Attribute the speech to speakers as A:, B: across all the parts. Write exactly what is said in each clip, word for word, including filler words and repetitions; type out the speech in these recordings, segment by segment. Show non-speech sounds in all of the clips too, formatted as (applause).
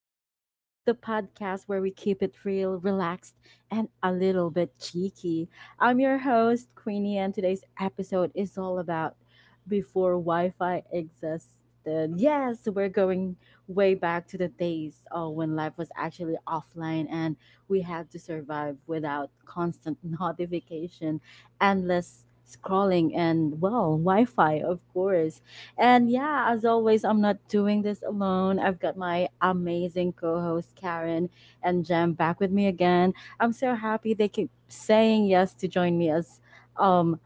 A: Queenie, the podcast where we keep it real, relaxed, and a little bit cheeky. I'm your host, Queenie, and today's episode is all about before Wi Fi existed. Yes, we're going way back to the days uh, when life was actually offline and we had to survive without constant (laughs) notification, endless scrolling, and, well, Wi Fi, of course. And, yeah, as always, I'm not doing this alone. I've got my amazing co host Karen and Jem back with me again. I'm so happy they keep saying yes to join me as um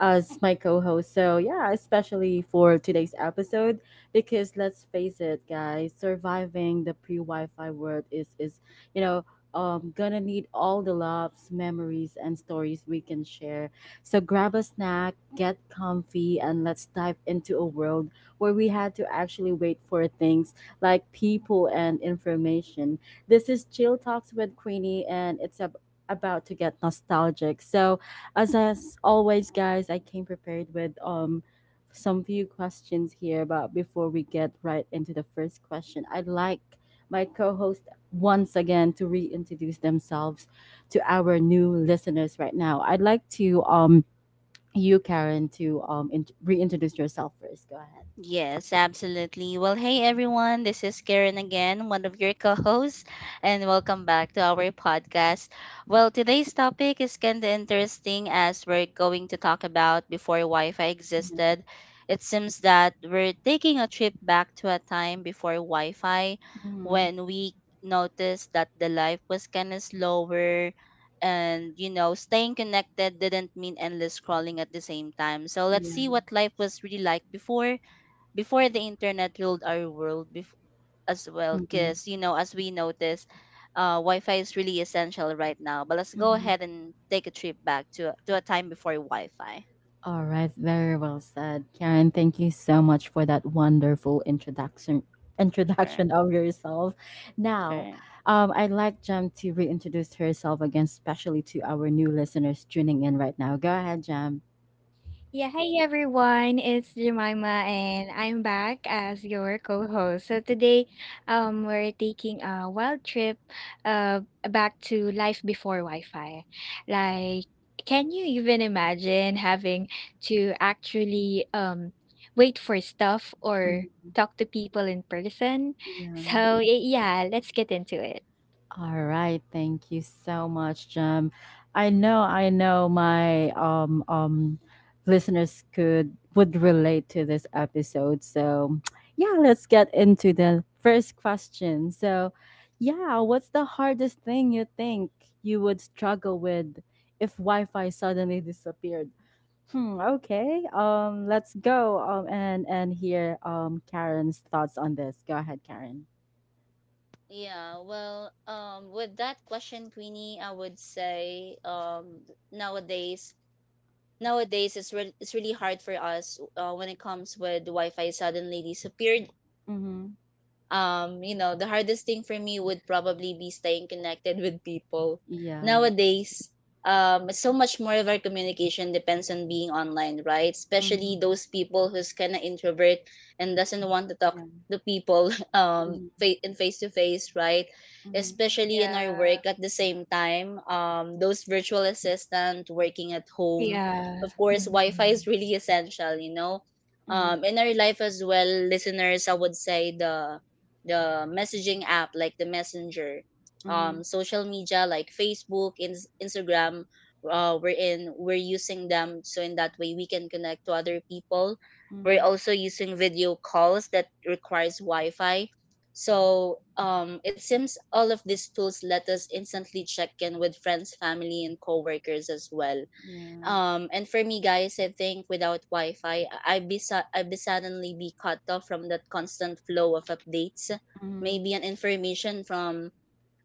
A: as my co-host. So, yeah, especially for today's episode, because let's face it, guys, surviving the pre-Wi-Fi world is is you know um gonna need all the loves, memories, and stories we can share. So grab a snack, get comfy, and let's dive into a world where we had to actually wait for things like people and information. This is Chill Talks with Queenie, and it's ab- about to get nostalgic. So, as as always, guys, I came prepared with um some few questions here, but before we get right into the first question, I'd like my co-host once again to reintroduce themselves to our new listeners. Right now, I'd like to, um you, Karen, to um in- reintroduce yourself first. Go ahead.
B: Yes, absolutely. Well, hey everyone, this is Karen again, one of your co hosts, and welcome back to our podcast. Well, today's topic is kind of interesting as we're going to talk about before Wi Fi
A: Yeah.
B: existed. It seems that we're taking a trip back to a time before Wi Fi
A: Mhm.
B: when we noticed that the life was kind of slower, and you know staying connected didn't mean endless scrolling at the same time. So let's see
A: Yeah.
B: what life was really like before, before the internet ruled our world. Bef- as well,
A: Mhm.
B: because you know, as we notice, uh, Wi-Fi is really essential right now, but let's go
A: Mhm.
B: ahead and take a trip back to, to a time before Wi-Fi.
A: All right, very well said, Karen. Thank you so much for that wonderful introduction
B: Sure.
A: introduction of yourself. Now,
B: Sure.
A: um, I'd like Jam to reintroduce herself again, especially to our new listeners tuning in right now. Go ahead, Jam.
C: Yeah, hey everyone, it's Jemima and I'm back as your co-host. So today um we're taking a wild trip uh back to life before Wi-Fi. Like, can you even imagine having to actually um wait for stuff or
A: Mhm.
C: talk to people in person? (laughs)
A: Yeah.
C: So y- yeah, let's get into it.
A: All right, thank you so much, Jem. I know, I know, my um um listeners could would relate to this episode. So, (tsk) yeah, let's get into the first question. So, yeah, what's the hardest thing you think you would struggle with if Wi-Fi suddenly disappeared? Hmm. Okay. Um. Let's go. Um. And and hear um Karen's thoughts on this. Go ahead, Karen.
B: Yeah, well, um, with that question, Queenie, I would say um, nowadays, nowadays it's re it's really hard for us uh, when it comes with Wi-Fi suddenly disappeared.
A: Mm-hmm.
B: Um, you know, the hardest thing for me would probably be staying connected with people.
A: Yeah.
B: Nowadays, um, so much more of our communication depends on being online, right?
A: Mm-hmm.
B: Especially those people who's kind of introvert and doesn't want to talk
A: Yeah.
B: to people (laughs) um
A: Mhm,
B: fa- in face to face, right?
A: mhm,
C: Mhm.
B: Especially in our
C: Yeah.
B: work at the same time, um, those virtual assistant working at home.
C: Yeah.
B: Of course,
C: Mhm.
B: Wi-Fi is really essential, you know.
A: mhm,
B: Um, in our life as well, listeners, I would say the the messaging app like the messenger,
A: mhm,
B: um social media like Facebook, Ins- instagram, uh we're in we're using them, so in that way we can connect to other people. We're
A: mhm.
B: also using video calls that requires Wi-Fi. So um it seems all of these tools let us instantly check in with friends, family and coworkers as well.
A: Yeah.
B: Um, and for me, guys, I think without Wi-Fi, I- I'd be su- I'd be suddenly be cut off from that constant flow of updates,
A: Mhm,
B: maybe an information from,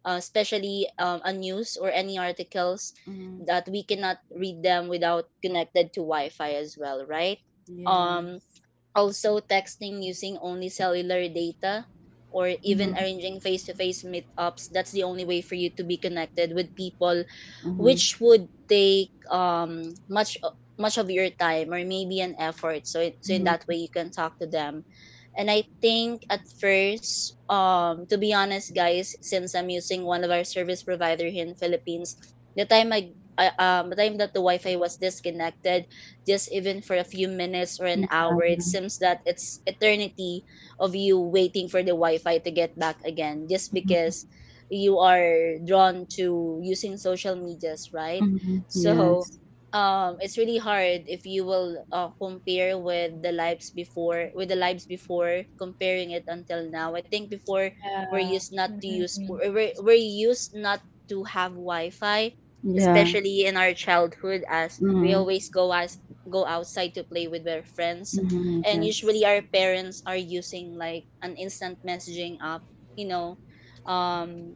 B: uh, especially um, a news or any articles
A: mhm.
B: that we cannot read them without connected to Wi-Fi as well, right? Um,
A: Yes.
B: also, texting using only cellular data or even
A: Mhm,
B: arranging face to face meetups, that's the only way for you to be connected with people,
A: mhm,
B: which would take um, much much of your time or maybe an effort. So, it, so in
A: mhm.
B: that way, you can talk to them. And I think at first, um, to be honest, guys, since I'm using one of our service provider here in Philippines, the time I, I um, the time that the Wi-Fi was disconnected, just even for a few minutes or an
A: Yeah.
B: hour, it seems that it's eternity of you waiting for the Wi-Fi to get back again, just
A: Mhm,
B: because you are drawn to using social medias, right?
A: mhm.
B: So
A: Yes.
B: um it's really hard if you will uh, compare with the lives before, with the lives before, comparing it until now. I think before, we're
C: Yeah.
B: used not to use,
C: Mhm.
B: we're, we're used not to have Wi-Fi,
A: Yeah.
B: especially in our childhood, as we
A: Mhm,
B: always go as go outside to play with our friends,
A: mhm.
B: and usually
A: Yes.
B: our parents are using like an instant messaging app, you know, um,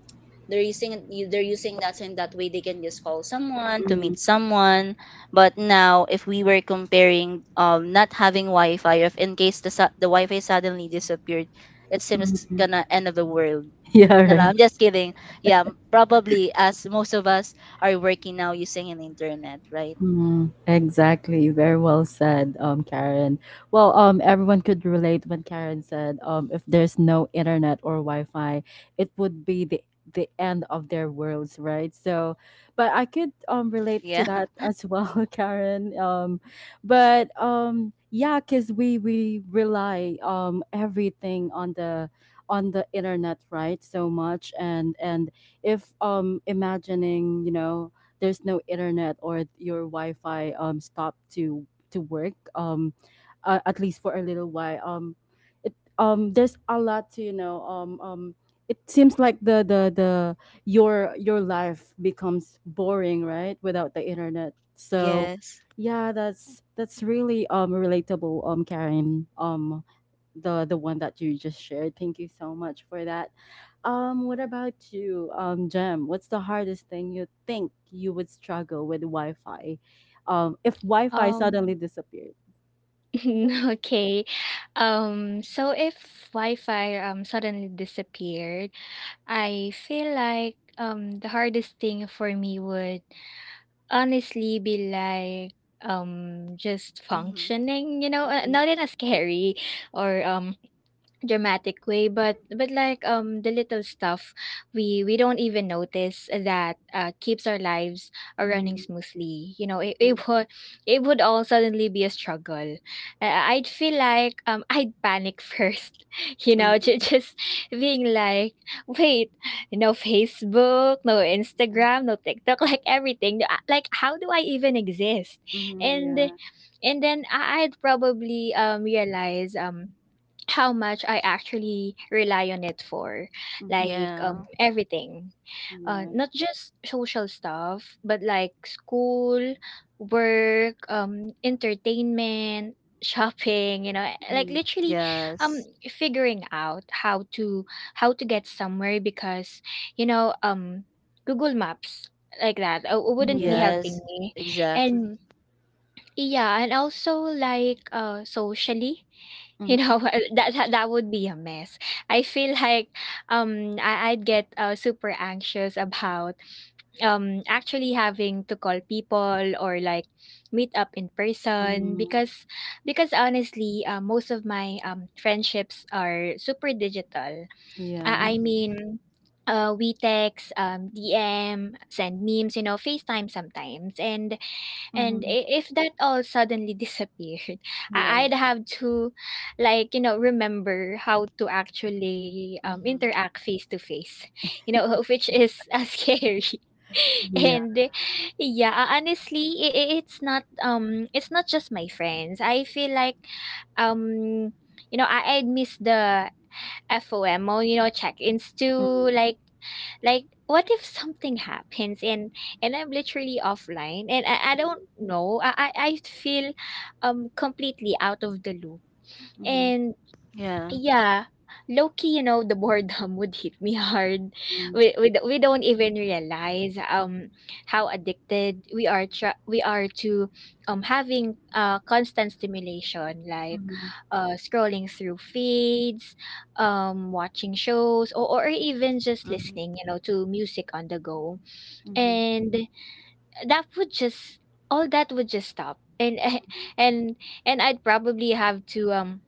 B: they're using they're using that, so in that way they can just call someone to
A: Mhm,
B: meet someone. But now, if we were comparing um, not having Wi-Fi, if in case the su- the Wi-Fi suddenly disappeared, it seems
A: mhm.
B: gonna
A: (laughs)
B: end of the world.
A: Yeah,
B: No, no,
A: right.
B: I'm just kidding. Yeah, m- probably as most of us are working now using an internet, right?
A: Mm, exactly. Very well said, um, Karen. Well, um, everyone could relate when Karen said, um, if there's no internet or Wi-Fi, it would be the the end of their worlds, right? So, but I could um relate to
B: Yeah.
A: that
B: (laughs)
A: as well, (laughs) Karen. Um, but um, yeah, cause we we rely um everything on the on the internet, right? So much. And and if um imagining, you know there's no internet or your Wi-Fi um stopped to to work, um uh, at least for a little while, um it, um there's a lot to, you know um um it seems like the the the your your life becomes boring, right? Without the internet, so,
B: Yes.
A: yeah, that's that's really um relatable, um Karen, um the the one that you just shared. Thank you so much for that. Um, what about you, um, Jem? What's the hardest thing you think you would struggle with Wi-Fi, um, if Wi-Fi
C: Um
A: suddenly disappeared?
C: (laughs) Okay. Um, so if Wi-Fi um suddenly disappeared, I feel like um the hardest thing for me would honestly be like um just
B: Hmm.
C: functioning, you know, uh,
A: Mhm.
C: not in a scary or um dramatic way, but but like um the little stuff we we don't even notice that uh, keeps our lives uh, running
A: Mhm.
C: smoothly, you know, it, it would it would all suddenly be a struggle. Uh, I'd feel like um I'd panic first, (laughs) you know,
A: Mhm.
C: just, just being like, wait, no Facebook, no
A: Mhm.
C: Instagram, no TikTok, (laughs) like everything. Uh, like, how do I even exist?
A: Mhm.
C: and
A: Yeah.
C: and then I- I'd probably um realize um how much I actually rely on it for,
A: Mhm.
C: like
B: Yeah.
C: um, everything, uh,
A: Yeah.
C: not just social stuff, but like school, work, um, entertainment, (laughs) shopping. You know, like
A: Mhm.
C: literally,
B: Yes.
C: um, figuring out how to how to get somewhere because, you know, um, Google Maps, like that uh,
A: Mm,
C: wouldn't be
A: Yeah.
B: Yes.
C: helping me,
B: Exactly.
C: and yeah, and also like, uh, socially, you
A: Mhm,
C: know, (laughs) that that that would be a mess. I feel like um I, I'd get uh, super anxious about um actually having to call people or like meet up in person
A: mhm.
C: because because honestly, uh, most of my um friendships are super digital.
A: Yeah.
C: I, I
B: Mm-hmm.
C: mean, uh, we text, um, D M, send memes, you know, FaceTime sometimes. And and
A: Mhm.
C: i- if that all suddenly (laughs) disappeared, I-
A: Yeah.
C: I'd have to, like, you know, remember how to actually um,
B: Mm-hmm.
C: interact face to face, you know, (laughs) which is uh, (laughs) scary. (laughs)
A: Yeah.
C: and uh, Yeah, uh, honestly, i i- it's not um, it's not just my friends. I feel like um, you know, I I'd miss the FOMO, you know, check-ins too,
A: Mhm,
C: like like, what if something happens and and I'm literally offline and I, I don't know. I, I I feel um completely out of the loop.
A: mhm,
C: And
B: Yeah.
C: yeah. Low key, you know, the boredom (laughs) would hit me hard.
A: mhm,
C: We we, d- we don't even realize um how addicted we are tra- we are to um having uh constant stimulation, like
A: mhm,
C: uh scrolling through feeds, um watching shows, or, or even just
B: Mm-hmm.
C: listening, you know, to music on the go.
A: mhm,
C: And that would just all that would just stop. And (laughs)
A: mhm,
C: and and I'd probably have to um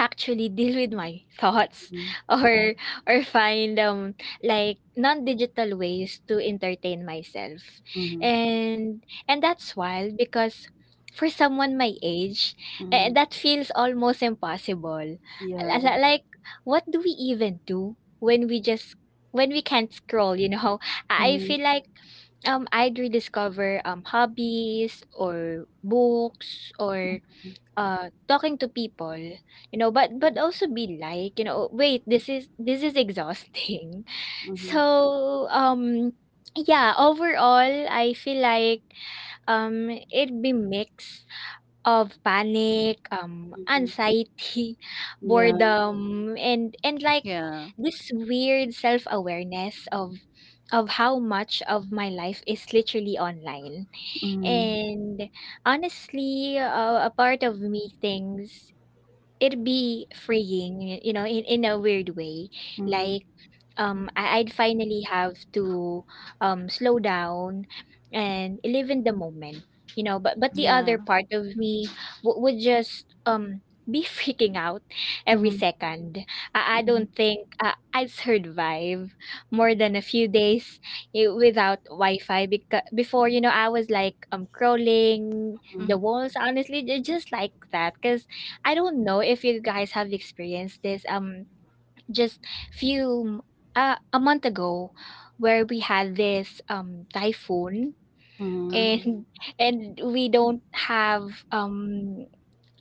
C: actually deal with my thoughts
A: mhm,
C: (laughs) or or find um like non-digital ways to entertain myself. And and that's wild because for someone my age, eh,
A: mhm.
C: that feels almost impossible. Li-
A: Yeah.
C: li- Like what do we even do when we just when we can't scroll, you know? (laughs) I I
A: Mhm,
C: feel like um I'd rediscover um hobbies or books
A: mhm,
C: or. Uh, talking to people, you know, but but also be like, you know, "Wait, this is this is exhausting." (laughs)
A: mhm,
C: So, um, yeah, overall, I feel like um, it'd be mix of panic, um,
A: mhm.
C: anxiety, (laughs)
A: Yeah.
C: boredom, and and like
B: Yeah.
C: this weird self-awareness of of how much of my life is literally online.
A: Mhm,
C: And honestly, uh, a part of me thinks it'd be freeing, you know, in in a weird way.
A: mhm,
C: Like, um, I I'd finally have to um, slow down and live in the moment, you know, but but the
B: Yeah.
C: other part of me w would just, um, be (laughs) freaking out every
A: mhm,
C: second. I I
A: mhm,
C: don't think I I'd survive more than a few days, eh, without Wi-Fi because before, you know, I was, like, um, crawling
B: Mm-hmm.
C: the
A: mhm,
C: walls, honestly, ju just like that, cause. I don't know if you guys have experienced this. Um, just few m- uh, a month ago, where we had this um typhoon (laughs)
A: mhm,
B: Mm-hmm.
C: and and we don't have um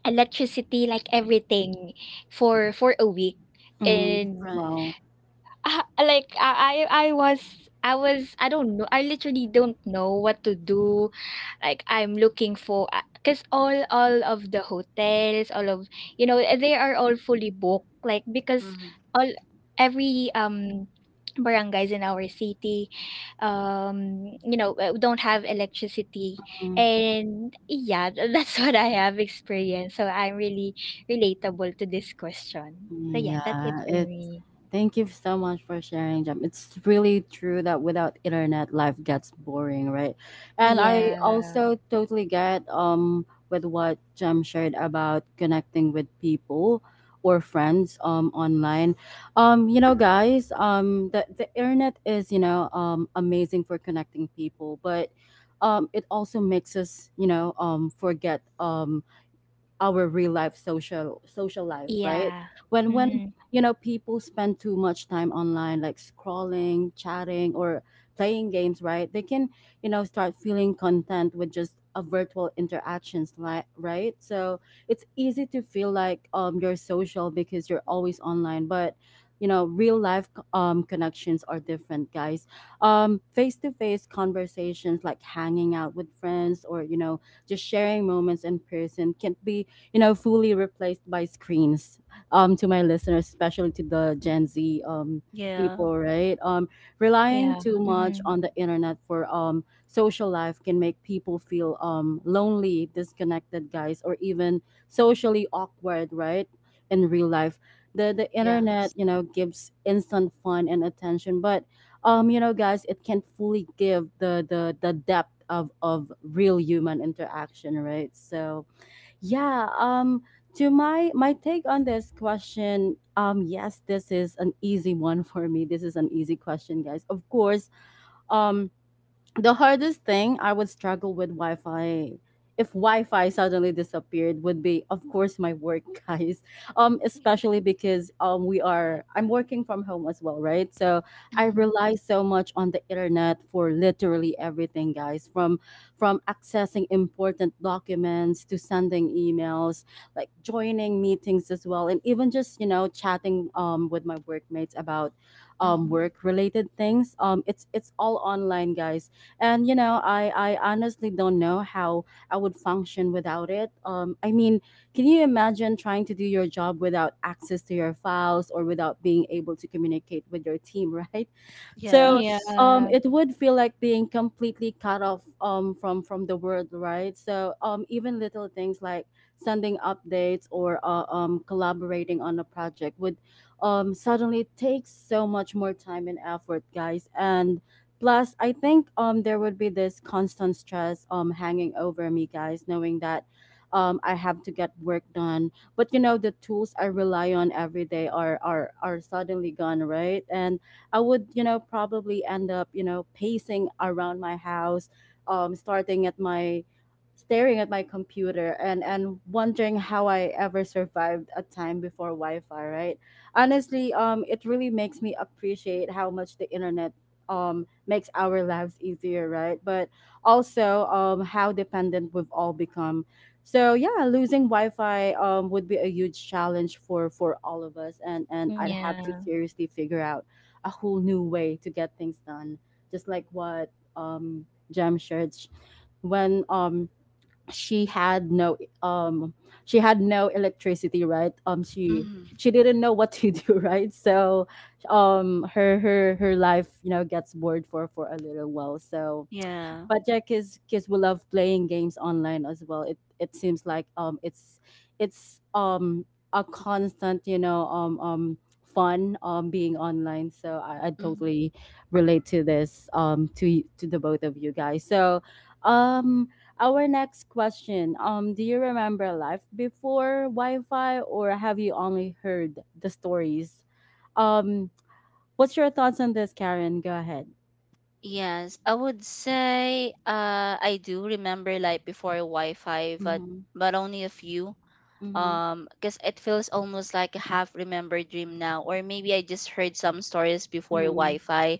C: electricity, like everything for for a week,
A: mhm.
C: and
B: Right.
A: Wow.
C: uh, like I I I was I was, I don't know, I literally don't know what to do. Like, I'm looking for uh, cause all all of the hotels, all of, you know, eh, they are all fully booked. Like, because
B: Mm-hmm.
C: all every um barangays in our city, um, you know, uh, don't have electricity. And yeah, th- that's (laughs) what I have experienced. So I'm really relatable to this question. So yeah, that's it
A: Yeah,
C: for
A: it's
C: me.
A: thank you so much for sharing, Jem. It's really true that without internet, life gets boring, right? And I
C: Yeah.
A: also totally get um with what Jem shared about connecting with people or friends um online. Um, you know, guys, um the, the internet is, you know, um amazing for connecting people, but um it also makes us, you know, um forget um our real life social social life, right?
C: Yeah.
A: When when
C: Mm,
A: you know people spend too much time online, like scrolling, chatting, or playing games, right, they can, you know start feeling content with just a virtual interactions, right right. So, it's easy to feel like um you're social because you're always online, but you know real life um connections are different, guys, um face to face conversations, like hanging out with friends or, you know just sharing moments in person, can be, you know, fully replaced by screens. Um, to my listeners, especially to the Gen Z um
B: Yeah.
A: people, right? Um, relying
C: yeah.
A: too much
C: Mm-hmm.
A: on the internet for um social life can make people feel um lonely, disconnected, guys, or even socially awkward, right? In real life, the the
B: Yeah.
A: internet, you know, gives instant fun and attention, but, um, you know, guys, it can not fully give the the the depth of of real human interaction, right? So, yeah, um to my my take on this question, um yes, this is an easy one for me. This is an easy question, guys. Of course, um the hardest thing I would struggle with Wi-Fi if Wi-Fi suddenly disappeared would be, of course, my work, (laughs) guys. Um, especially
C: (laughs)
A: because um, we are I'm working from home as well, right? So I
B: Mm,
A: rely so much on the internet for literally everything, guys. From from accessing important documents to sending emails, like joining meetings as well, and even just you know chatting, um, with my workmates about um,
B: mhm.
A: work-related things. Um, it's it's all online, guys, and you know i i honestly don't know how I would function without it. um I mean, can you imagine trying to do your job without access to your files or without being able to communicate with your team? (laughs) Right? So,
B: Yes.
A: um
C: Yeah.
A: it would feel like being completely cut off, um from from the world, right? So um even little things like sending updates, or, uh, um collaborating on a project would um suddenly take so much more time and effort, guys. And plus, I think, um there would be this constant stress, um hanging over me, guys, knowing that, um, I have to get work done, but you know the tools I rely on every day are are are suddenly gone, right? And I would, you know, probably end up, you know, pacing around my house, um, starting at my staring at my computer, and and wondering how I ever survived a time before Wi-Fi, right? Honestly, um, it really makes me appreciate how much the internet um makes our lives easier, right? But also, um how dependent we've all become. So, yeah, losing Wi-Fi um would be a huge challenge for for all of us, and and I'd have to
C: Yeah.
A: seriously figure out a whole new way to get things done. Just like what, um, Jem shared, sh- when, um, she had no um, she had no electricity, right? Um, she
B: Hmm.
A: she didn't know what to (laughs) do, right? So, um, her her her life, you know, gets bored for for a little while. So,
B: Yeah.
A: but, yeah, kids kids will love playing games online as well. It it seems like um it's it's um a constant, you know um um fun, um being online. So, I, I
B: Hmm.
A: totally relate to this, um to y- to the both of you guys. So um our next question, um do you remember life before Wi-Fi or have you only heard the stories? Um, what's your thoughts on this, Karen? Go ahead.
B: Yes. I would say uh I do remember like before Wi-Fi, but
A: Mm-hmm.
B: but only a few.
A: Mm-hmm.
B: Um, because it feels almost like a half remembered dream now, or maybe I just heard some stories before
A: Mm-hmm.
B: Wi-Fi.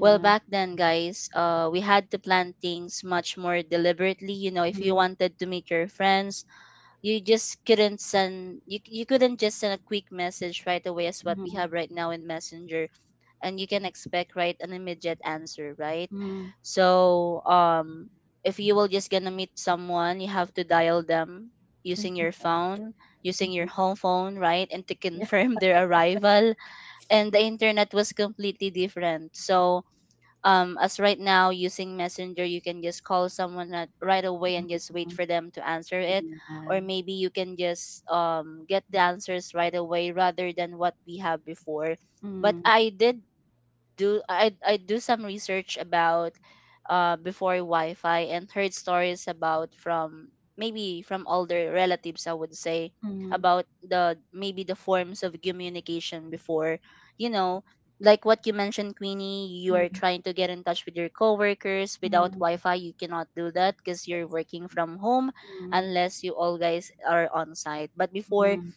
B: Well, back then, guys, uh, we had to plan things much more deliberately. You know, if you
A: Mhm,
B: wanted to meet your friends, you just couldn't send you, you couldn't just send a quick message right away as what we
A: mhm,
B: have right now in messenger, and you can expect right an immediate answer, right?
A: mhm,
B: So um if you will just gonna meet someone, you have to dial them using your
A: mhm,
B: phone, using your
A: mhm.
B: home phone, right? And to
A: Yeah.
B: confirm (laughs) their arrival. And the internet was completely different. So um, as right now using messenger, you can just call someone at, right away and
A: Mhm,
B: just wait for them to answer it,
A: yeah.
B: or maybe you can just um, get the answers right away rather than what we have before. But
A: Mhm,
B: I did do I I do some research about uh before Wi-Fi and heard stories about from maybe from older relatives, I would say,
A: mhm,
B: about the maybe the forms of communication before, you know, like what you mentioned, Queenie. You are
A: mhm,
B: trying to get in touch with your coworkers without
A: mhm.
B: Wi-Fi. You cannot do that because you're working
A: Exactly.
B: from home,
A: Mhm,
B: unless you all guys are on site. But before,
A: mhm.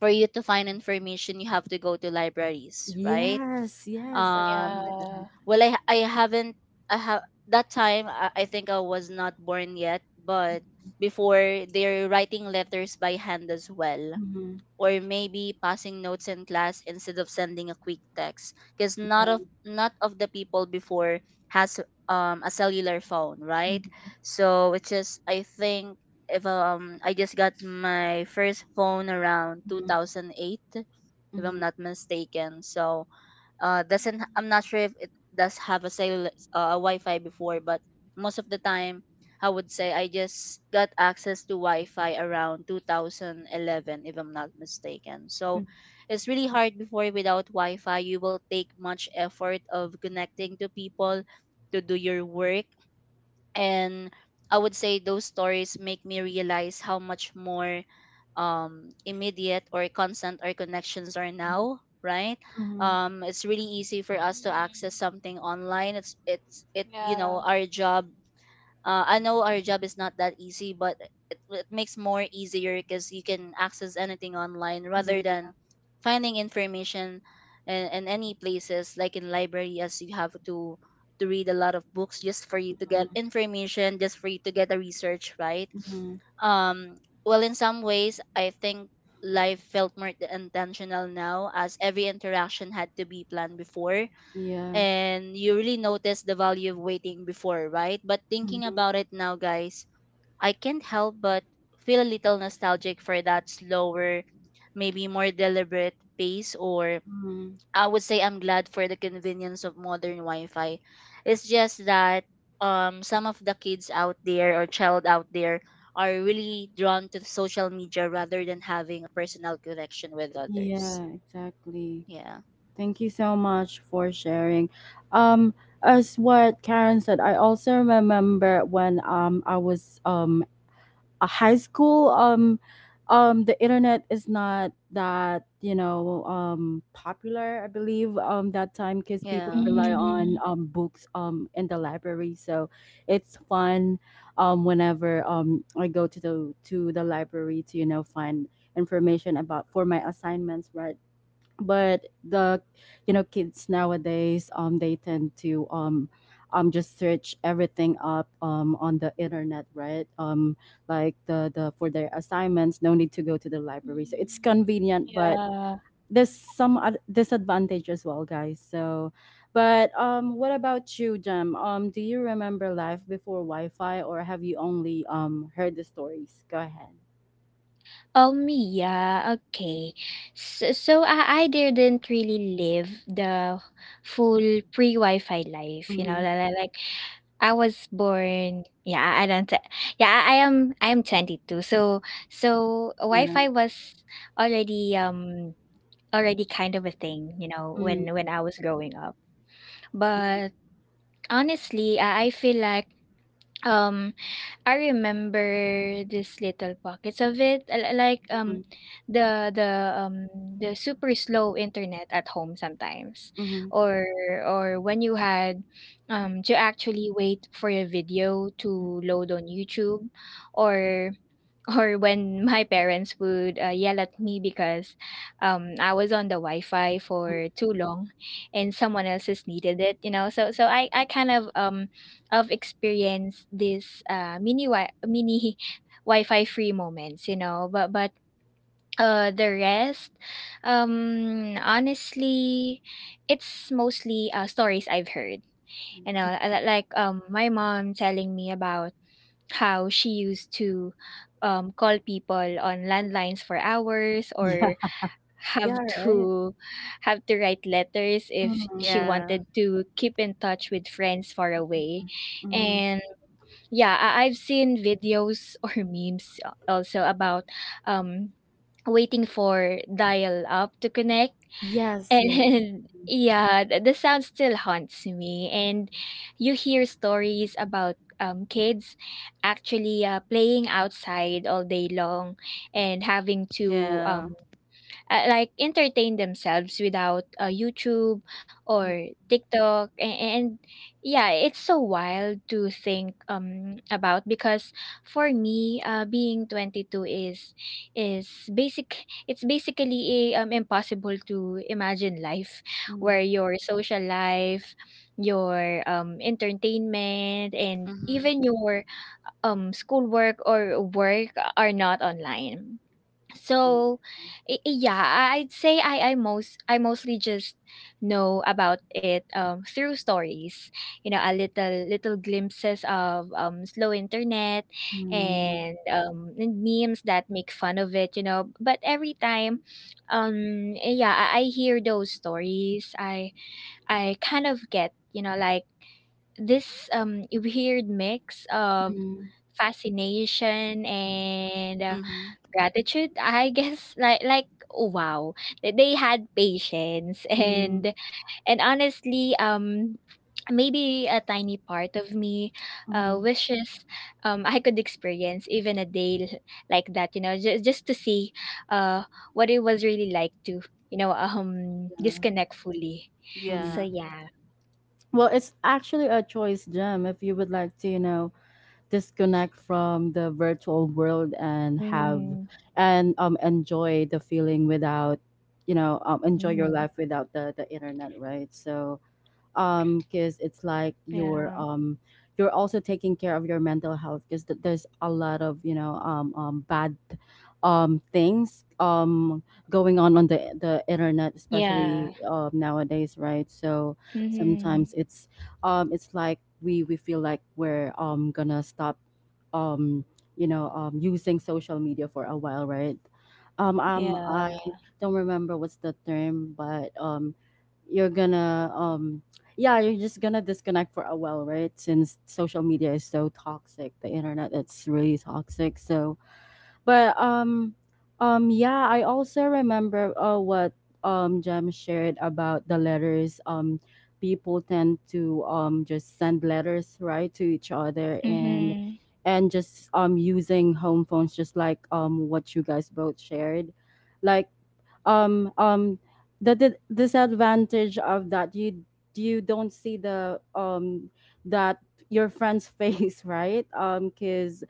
B: for you to find information, you have to go to libraries, right?
A: Yes, yes,
C: Mm,
A: I remember
B: um
A: that.
C: yeah.
B: well, I I haven't I have that time, I, I think I was not born yet. But before, they're writing letters by hand as well,
A: Mhm,
B: or maybe passing notes in class instead of sending a quick text, because
A: mhm,
B: not
A: yeah.
B: of not of the people before has um a cellular phone, right?
A: Mhm,
B: So it's just, I think, if um I just got my first phone around
A: mhm,
B: two thousand eight, if
A: mhm,
B: I'm not mistaken. So uh doesn't, I'm
C: Mm,
B: not sure if it does have a cell, uh, a Wi-Fi before, but most of the time, I would say I just got access to Wi-Fi around two thousand eleven, if I'm not mistaken. So
A: mhm,
B: it's really hard before. Without Wi-Fi, you will take much effort of connecting to people, to do your work. And I would say those stories make me realize how much more um, immediate or constant our connections are now, right?
A: mhm.
B: Um, it's really easy for us to access
C: mhm.
B: something online. It's it's it You
C: Yeah.
B: know, our job, uh, I know our job is not that easy, but it, it makes more easier because you can access anything online
A: Yeah.
B: rather than finding information in, in any places like in library, as you have to to read a lot of books just for you to
A: Mhm,
B: get information, just for you to get a research, right?
A: mhm,
B: Um, well, in some ways, I think life felt more intentional now, as every interaction had to be planned before,
A: yeah.
B: and you really notice the value of waiting before, right? But thinking
A: Mhm,
B: about it now, guys, I can't help but feel a little nostalgic for that slower, maybe more deliberate pace. Or
A: mhm.
B: I would say I'm glad for the convenience of modern Wi Fi. It's just that um, some of the kids out there or child out there are really drawn to social media rather than having a personal connection with others.
A: Yeah, exactly.
B: Yeah.
A: Thank you so much for sharing. Um, as what Karen said, I also remember when um I was um a high school, um um the internet is not that, you know um popular, I believe, um that time, because people
B: Yeah.
A: rely on
C: Mhm.
A: um books, um in the library, so it's fun um whenever, um I go to the to the library to, you know find information about for my assignments, right? But the, you know kids nowadays, um they tend to, um um just search everything up, um on the internet, right? Um like the the for their assignments, no need to go to the library, so it's
C: Mhm.
A: convenient, but
C: Yeah.
A: there's some ad- disadvantage as well, guys. So, but, um what about you, Jem, um do you remember life before Wi-Fi or have you only um heard the stories? Go ahead.
C: Oh, me, yeah, okay. So, so I, I didn't really live the full pre-Wi-Fi life, you know,
A: Mm-hmm.
C: li- li- like I was born, yeah, I I don't, yeah, I I am, I am twenty-two. So, so
A: Yeah.
C: Wi-Fi was already, um, already kind of a thing, you know, when,
A: Mm-hmm.
C: when I was growing up. But honestly, I I feel like um I remember this little pockets of it, l- like um the the um the super slow internet at home sometimes,
A: Mm-hmm.
C: or or when you had um to actually wait for a video to load on YouTube, or or when my parents would uh, yell at me because um, I was on the Wi-Fi
A: Mm-hmm.
C: for too long, and someone else has needed it. You know, so so I I kind of um of experienced this uh, mini wi- mini (laughs) Wi-Fi free moments. You know, but but uh the rest um honestly it's mostly uh stories I've heard, you know, uh, like um my mom telling me about how she used to um, call people on landlines for hours,
A: Yeah.
C: or have
A: Yeah, right?
C: to have to write letters if she
A: Mhm,
B: Yeah.
C: wanted to keep in touch with friends far away.
A: mhm, mhm.
C: And yeah, I- I've seen videos (laughs) or memes, uh, also about um waiting for dial up to connect.
A: Yes, yes.
C: And (laughs) yeah, the, the sound still haunts me. And you hear stories about um, kids actually uh, playing outside all day long and having to
B: Yeah.
C: um, uh, like entertain themselves without uh, YouTube
A: Mhm,
C: or TikTok, and, and yeah, it's so wild to think um about because for me, uh, being twenty-two is is basic it's basically a, um, impossible to imagine life where
A: mhm.
C: your social life, your um entertainment, and
B: Mhm.
C: even your um schoolwork or work are not online. So i- i- yeah, I- I'd say I I most I mostly just know about it um through stories. You know, a little little glimpses of um slow internet,
A: Mm,
C: and um and memes that make fun of it, you know. But every time um yeah, I, I hear those stories, I I kind of get, you know, like this um weird mix of
A: mm,
C: fascination and
B: Mm-hmm.
C: gratitude, I guess, (laughs) like like oh, wow, that they had patience. (laughs)
A: mm,
C: and and honestly, um, maybe a tiny part of me uh,
A: mm,
C: wishes um, I could experience even a day l- like that, you know, just just to see uh, what it was really like to, you know, um,
A: yeah,
C: disconnect fully.
A: mm.
C: So
B: Yeah.
C: yeah.
A: Well, it's actually a choice, Jim, if you would like to, you know, disconnect from the virtual world and have
C: Mm.
A: and um enjoy the feeling without, you know, um, enjoy your
C: Mm-hmm.
A: life without the the internet, right? So, um because it's like you're
C: Yeah.
A: um you're also taking care of your mental health because th- there's a lot of you know um, um bad um things um going on on the the internet especially
C: Yeah.
A: um nowadays, right? So sometimes
C: Mm-hmm.
A: it's um it's like we we feel like we're um gonna stop um you know um using social media for a while, right? um um I
C: Yeah.
A: don't remember what's the term, but um you're gonna um yeah, you're just gonna disconnect for a while, right? Since social media is so toxic, the internet it's really toxic. So, but um, um, yeah, I also remember uh, what um Jem shared about the letters. Um, people tend to um just send letters, right, to each other, and
C: Mm-hmm.
A: and just um using home phones, just like um what you guys both shared, like um um the, the disadvantage of that, you you don't see the um that your friend's (laughs) face, right? Um because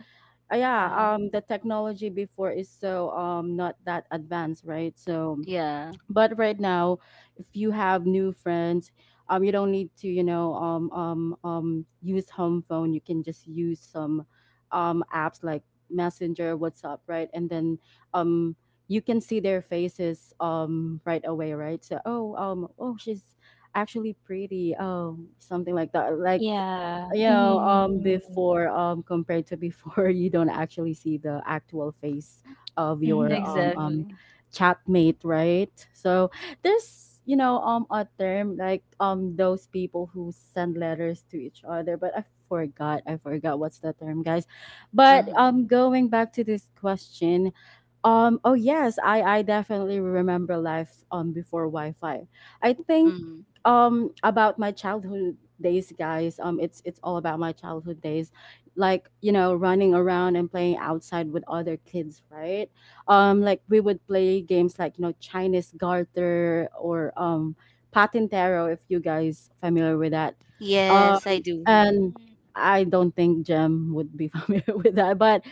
A: yeah,
C: Yeah.
A: um the technology before is so um not that advanced, right? So
B: Yeah.
A: but right now, if you have new friends, um you don't need to you know um um um use home phone. You can just use some um apps like Messenger, WhatsApp, right? And then um you can see their faces um right away, right? So, oh, um oh, she's actually pretty, oh, something like that. Like
C: Yeah,
A: yeah, um
C: mhm,
A: before, um compared to before, (laughs) you don't actually see the actual face of your um
C: mhm.
A: um
B: Exactly.
A: chatmate, right? So there's you know um a term like um those people who send letters to each other, but i forgot i forgot what's the term, guys. But
B: Mm-hmm.
A: um going back to this question, um oh yes, i i definitely remember life um before Wi-Fi, I think
B: Mm-hmm.
A: um about my childhood days, guys. um it's it's all about my childhood days, like, you know, running around and playing outside with other kids, right? Um like, we would play games like, you know, Chinese garter, or um patintero, if you guys familiar with that.
B: Yes,
A: um
B: I do.
A: and
C: Mhm.
A: I don't think Jem would be (laughs) familiar with that, but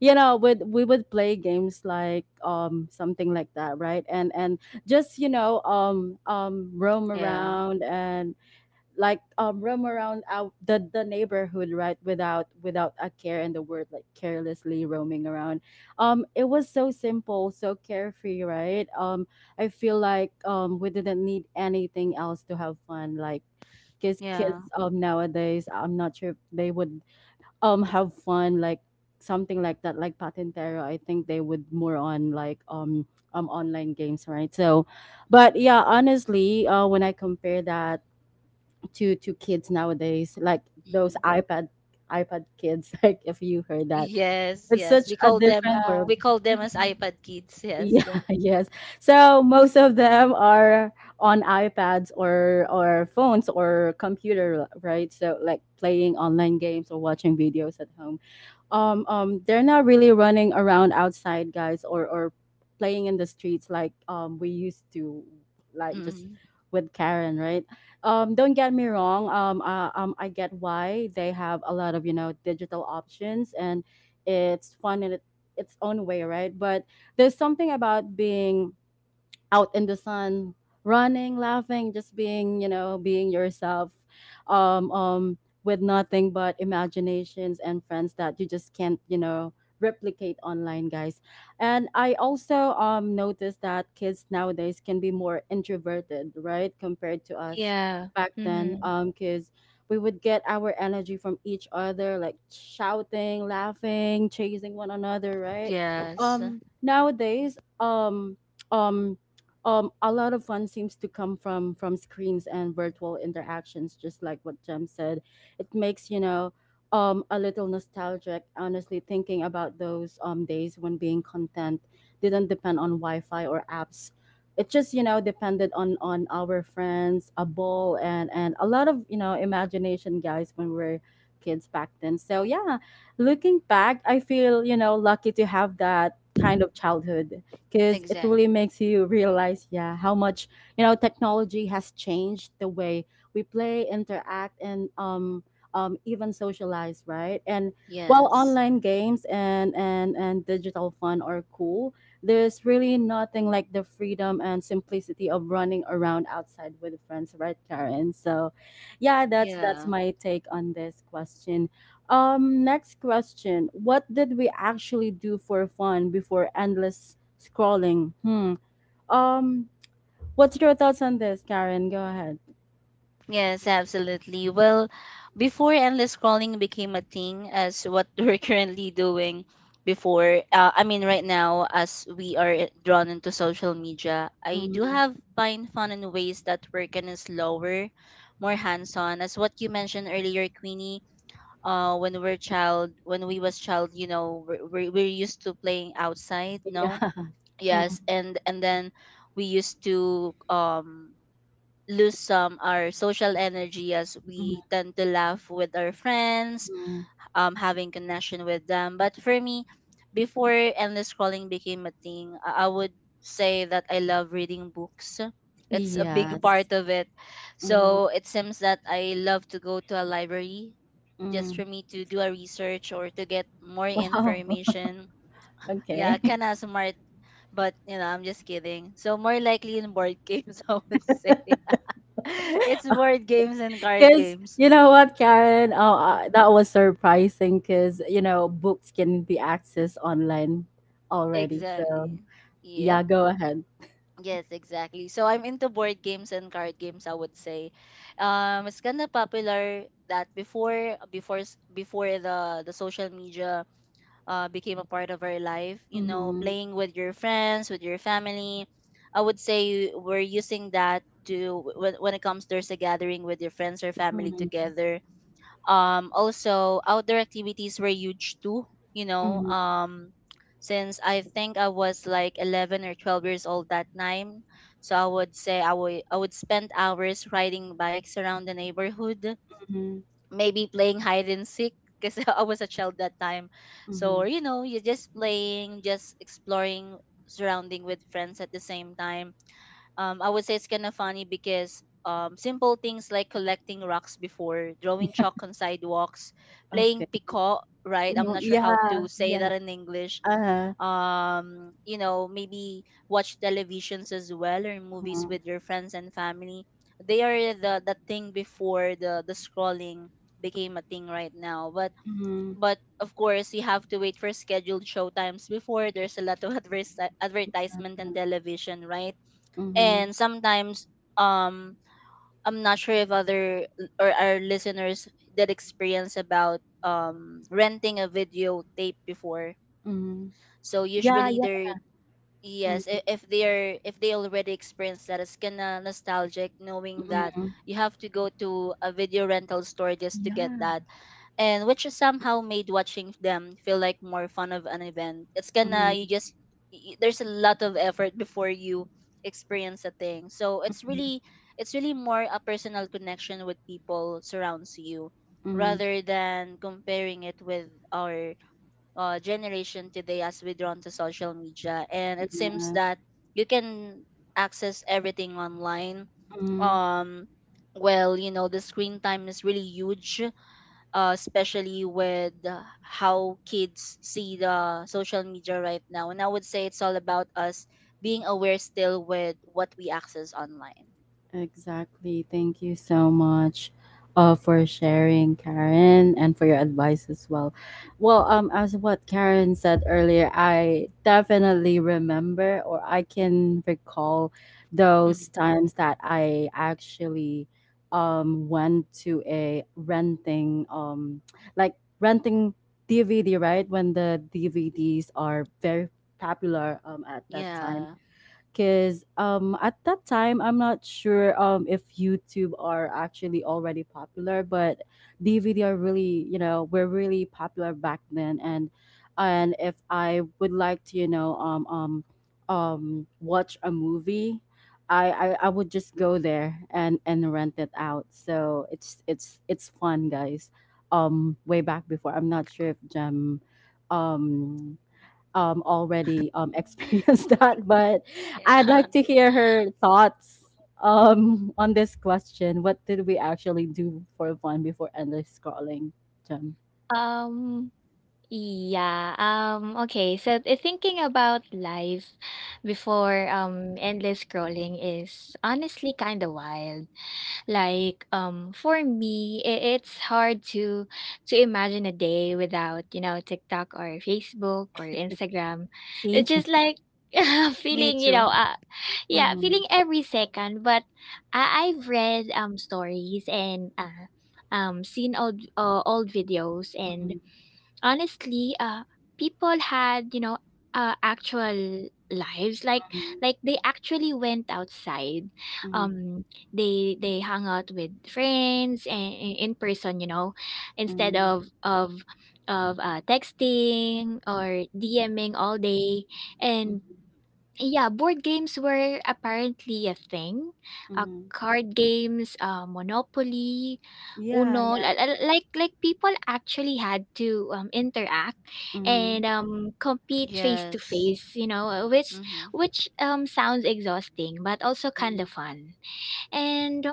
A: you know, with we would play games like um something like that, right? and and just, you know, um um roam
B: Yeah.
A: around, and like um roam around out the the neighborhood, right, without without a care in the world, like carelessly roaming around. Um it was so simple, so carefree, right? um I feel like um we didn't need anything else to have fun. Like kids
B: Yeah.
A: kids um nowadays, I'm not sure if they would um have fun like something like that, like patentero. I think they would more on like um um online games, right? So but yeah, honestly, uh when I compare that to to kids nowadays, like those
B: Mm-hmm.
A: ipad ipad kids, (laughs) like, if you heard that,
B: Yes,
A: it's
B: yes.
A: such
B: We
A: a
B: call them,
A: different
C: Yeah,
A: world.
B: we call them as
C: mhm,
B: iPad kids,
A: Yeah,
B: yes.
A: (laughs) yes. So most of them are on iPads or or phones or computer, right? So, like playing online games or watching videos at home. Um um they're not really running around outside, guys, or or playing in the streets like um we used to, like just
B: Mm-hmm.
A: with Karen, right? Um don't get me wrong, um uh, um I get why they have a lot of, you know, digital options, and it's fun in it, its own way, right? But there's something about being out in the sun, running, laughing, just being, you know, being yourself, um, um, with nothing but imaginations and friends that you just can't, you know, replicate online, guys. And I also um noticed that kids nowadays can be more introverted, right, compared to us
C: yeah,
A: back then,
C: mhm.
A: um, because we would get our energy from each other, like shouting, laughing, chasing one another, right?
B: Yes.
A: Um, nowadays, um, um um, a lot of fun seems to come from from screens and virtual interactions, just like what Jem said. It makes, you know, um, a little nostalgic, honestly, thinking about those um, days when being content didn't depend on Wi-Fi or apps. It just, you know, depended on on our friends, a ball, and and a lot of, you know, imagination, guys, when we were kids back then. So yeah, looking back, I feel, you know, lucky to have that kind of childhood, because it
B: Exact.
A: really makes you realize, yeah, how much, you know, technology has changed the way we play, interact, and um, um, even socialize, right? And while
B: Yes.
A: online games and and and digital fun are cool, there's really nothing like the freedom and simplicity of running around outside with friends, right, Karen? So, yeah, that's that's
B: Yeah.
A: my take on this question. Um, next question: what did we actually do for fun before endless scrolling? Hmm. Um, what's your thoughts on this, Karen? Go ahead.
B: Yes, absolutely. Well, before endless scrolling became a thing, as what (laughs) we're currently doing before, uh, I mean, right now, as we are drawn into social media, I do
A: Mm.
B: have find fun in ways that work and is slower, more hands-on. As what you mentioned earlier, Queenie, uh, when we are child, when we was child, you know, we're, we're we're used to playing outside, no?
A: Yeah. (laughs) Mm,
B: Yes, and and then we used to um lose some our social energy as
A: mm,
B: we tend to laugh with our friends,
A: mm.
B: um, having connection with them. But for me, before endless scrolling became a thing, I I would say that I love reading books. It's a big
A: Yes.
B: part of it.
A: Mm,
B: So it seems that I love to go to a library just
A: mm.
B: for me to do a research or to get more
A: Wow.
B: information.
A: (laughs)
B: Yeah,
A: Okay.
B: kinda smart, but you know, I'm just kidding. So more likely in board games, (laughs) I would say. (laughs) It's board games and card
A: Because
B: games.
A: you know what, Karen? Oh,
B: Mm, mm.
A: uh, that was surprising because, you know, books can be accessed online already. So,
B: Exactly. Yep.
A: yeah, go ahead.
B: Yes, exactly. So I'm into board games and card games, I would say. Um it's kind of popular that before, before s- before the the social media uh became a part of our life, you know,
A: Mm-hmm.
B: playing with your friends, with your family. I would say we're using that to when when it comes there's a gathering with your friends or family
A: Mm-hmm.
B: together. Um also outdoor activities were huge too, you know.
A: Mm-hmm.
B: Um since I think I was like eleven or twelve years old that time, so I would say i would i would spend hours riding bikes around the neighborhood,
A: Mm-hmm.
B: maybe playing hide and seek because (laughs) I was a child that time.
A: Mm-hmm.
B: So you know, you're just playing, just exploring, surrounding with friends at the same time. um, I would say it's kind of funny because um, simple things like collecting rocks before, drawing chalk on sidewalks, playing
A: Okay.
B: picot, right? I'm
A: Mhm.
B: not sure how
A: Yeah.
B: to say
A: Yeah.
B: that in English.
A: Uh-huh.
B: Um, you know, maybe watch televisions as well or movies
A: Mm-hmm.
B: with your friends and family. They are the the thing before the the scrolling became a thing right now. But
A: Mhm,
B: but of course, you have to wait for scheduled show times before. There's a lot of (laughs) adverse advertisement on
A: mhm,
B: television, right?
A: mhm,
B: And sometimes um I'm not sure if other or our listeners did experience about um renting a video tape before.
A: mhm.
B: So
A: Yeah,
B: usually
A: yeah.
B: they're, yes,
A: Mhm,
B: i- if they are, if they already experienced that, it's kinda nostalgic knowing that
A: mhm.
B: you have to go to a video rental store just to get
A: Yeah.
B: that, and which is somehow made watching them feel like more fun of an event. It's gonna,
A: Mhm,
B: you just y- there's a lot of effort before you experience a thing. So it's
A: mhm,
B: really, it's really more a personal connection with people surrounds you,
A: mhm.
B: rather than comparing it with our uh, generation today as we drawn to social media, and it seems
A: Yeah.
B: that you can access everything online.
A: Mhm.
B: um well you know, the screen time is really huge, uh, especially with uh, how kids see the social media right now. And I would say it's all about us being aware still with what we access online.
A: Exactly. Thank you so much uh, for sharing, Karen, and for your advice as well. Well, um, as what Karen said earlier, I definitely remember, or I can recall those
B: Mhm.
A: times that I actually um, went to a renting, um, like renting D V D, right? When the D V Ds are very popular um, at that time,
B: Yeah.
A: because um, at that time I'm not sure um, if YouTube are actually already popular, but D V D are really, you know, were really popular back then. and and if I would like to, you know, um, um, um, watch a movie, I, I, I would just go there and, and rent it out. So it's it's it's fun, guys. Um, way back before, I'm not sure if Jem um um, already um, (laughs)
C: Mm.
A: experienced that, but I'd
B: Yeah,
A: like
C: (laughs)
A: to hear her thoughts um, on this question. What did we actually do for fun before endless scrolling, Jem?
C: Um, yeah, um, okay, so, eh, thinking about life before, um, endless scrolling is honestly kinda wild. Like, um, for me, i- it's hard to to imagine a day without, you know, TikTok or Facebook or Instagram. It's
A: See?
C: just like (laughs)
B: me
C: feeling, you know,
B: too.
C: uh, yeah,
A: Mm-hmm.
C: feeling every second. But I- I've read um stories, and uh, um seen old uh, old videos, and
A: Mm-hmm.
C: honestly, uh people had, you know, uh, actual lives, like like they actually went outside,
A: Mm-hmm.
C: um they they hung out with friends and in person, you know, instead
A: Mm-hmm.
C: of of of uh, texting or DMing all day. And yeah, board games were apparently a thing. Uh,
A: Mm-hmm.
C: card games, uh, Monopoly,
A: Yeah,
C: Uno, li-
A: yeah.
C: li- like like people actually had to um, interact
A: Mm-hmm.
C: and um, compete face to
B: Yes.
C: face. You know, uh, which
B: Mhm.
C: which um, sounds exhausting, but also kind of fun. And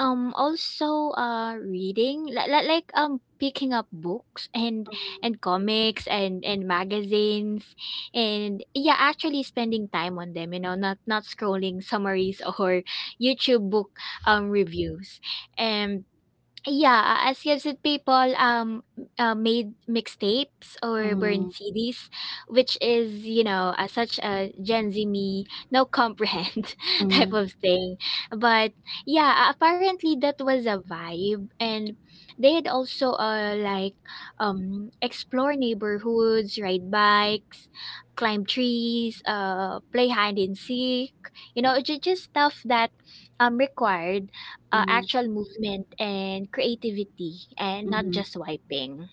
C: um also uh reading, like, like um picking up books and and comics and and magazines, and yeah, actually spending time on them, you know, not not scrolling summaries (laughs) or YouTube book um reviews. And yeah, as kids and people um uh, made mixtapes or
A: Mm-hmm.
C: burned C Ds, which is, you know, uh, such a Gen Z me no comprehend (laughs) type
A: Mhm,
C: of thing. But yeah, uh, apparently that was a vibe, and they had also uh like um explore neighborhoods, ride bikes, climb trees, uh play hide and seek, you know, ju- just stuff that um required uh,
A: mhm,
C: actual movement and creativity and not
A: mhm.
C: just swiping.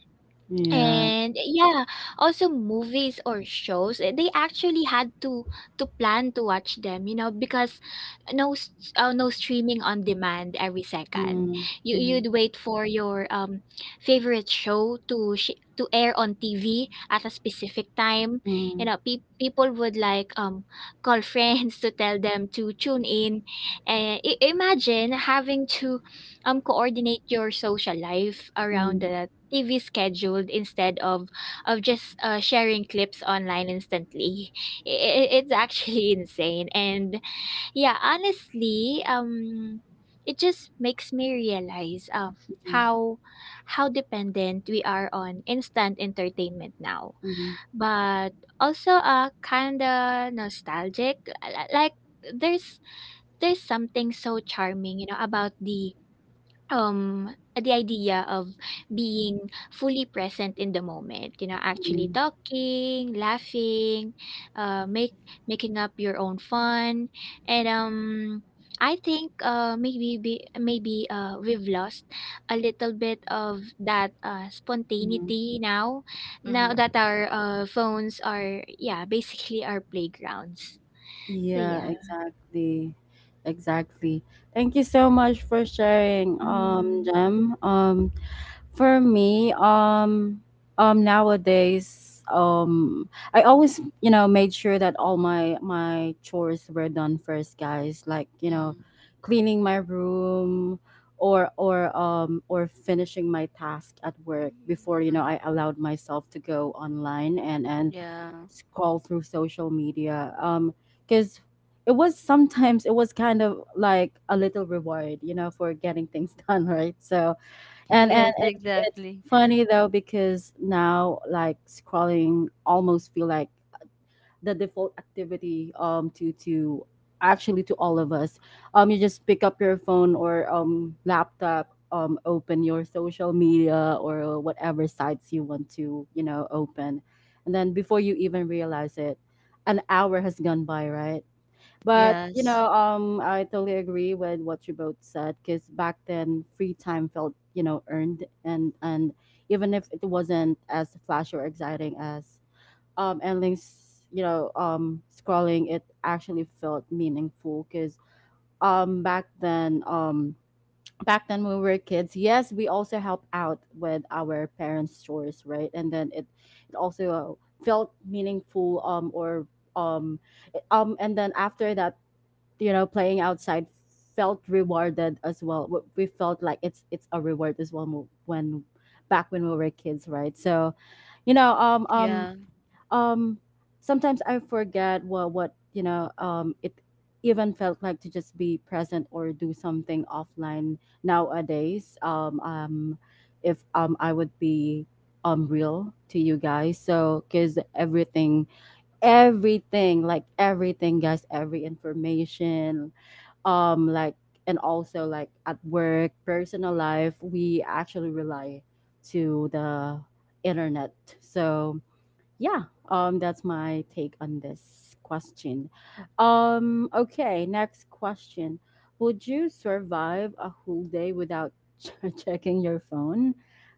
A: Yeah.
C: And yeah, also movies or shows, eh, they actually had to to plan to watch them, you know, because no s- uh, no streaming on demand every second.
A: Mhm,
C: You
A: mhm,
C: you'd wait for your um favorite show to sh- to air on T V at a specific time. You
A: mhm,
C: know, pe- people would like um call (laughs) friends to tell them to tune in. And I- imagine having to um coordinate your social life around
A: mhm,
C: the T V scheduled instead of of just uh, sharing clips online instantly. I- i- it's actually (laughs) insane, and yeah, honestly, um, it just makes me realize um
A: mhm,
C: how how dependent we are on instant entertainment now.
A: mhm,
C: But also, uh, kinda nostalgic. L- Like there's there's something so charming, you know, about the um, the idea of being fully present in the moment, you know, actually
A: mhm,
C: talking, laughing, uh, make making up your own fun, and um, I think uh, maybe be, maybe uh, we've lost a little bit of that uh,
A: mhm.
C: spontaneity now, now
B: Mhm.
C: that our uh, phones are yeah basically our playgrounds. So
A: Yeah,
C: yeah.
A: exactly. Exactly. Thank you so much for sharing, um,
C: Hmm.
A: Jem. Um, for me, um, um, nowadays, um, I always, you know, made sure that all my my chores were done first, guys. Like, you know,
B: Mhm.
A: cleaning my room, or or um or finishing my task at work before, you know,
C: Mm-hmm.
A: I
B: Mhm.
A: allowed myself to go online and and
B: Yeah.
A: scroll through social media. Um, because it was, sometimes it was kind of like a little reward, you know, for getting things (laughs) done, right? So and and
B: Yes,
A: it's, it's
B: exactly.
A: funny though, because now like scrolling almost feel like the default activity um to to actually to all of us. Um, you just pick up your phone or um laptop, um, open your social media or whatever sites you want to, you know, open, and then before you even realize it, an hour has gone by, right? But you
B: Yes.
A: know, um, I totally agree with what you both said, because back then, free time felt, you know, earned. and and even if it wasn't as flashy or exciting as um endless, you know, um scrolling, it actually felt meaningful because um back then um back then when we were kids, yes, we also helped out with our parents' chores, right? And then it it also uh, felt meaningful um or um um and then after that, you know, playing outside felt rewarded as well. W- we felt like it's it's a reward as well, mo- when back when we were kids, right? So, you know, um um
B: Yeah.
A: um sometimes I forget what what you know, um it even felt like to just be present or do something offline nowadays. Um um if um I would be um real to you guys, so because everything, everything, like everything, guys, every information, um like, and also like at work, personal life, we actually rely to the internet. So yeah, um, that's my take on this question. Um, okay, next question: would you survive a whole day without (laughs) checking your phone?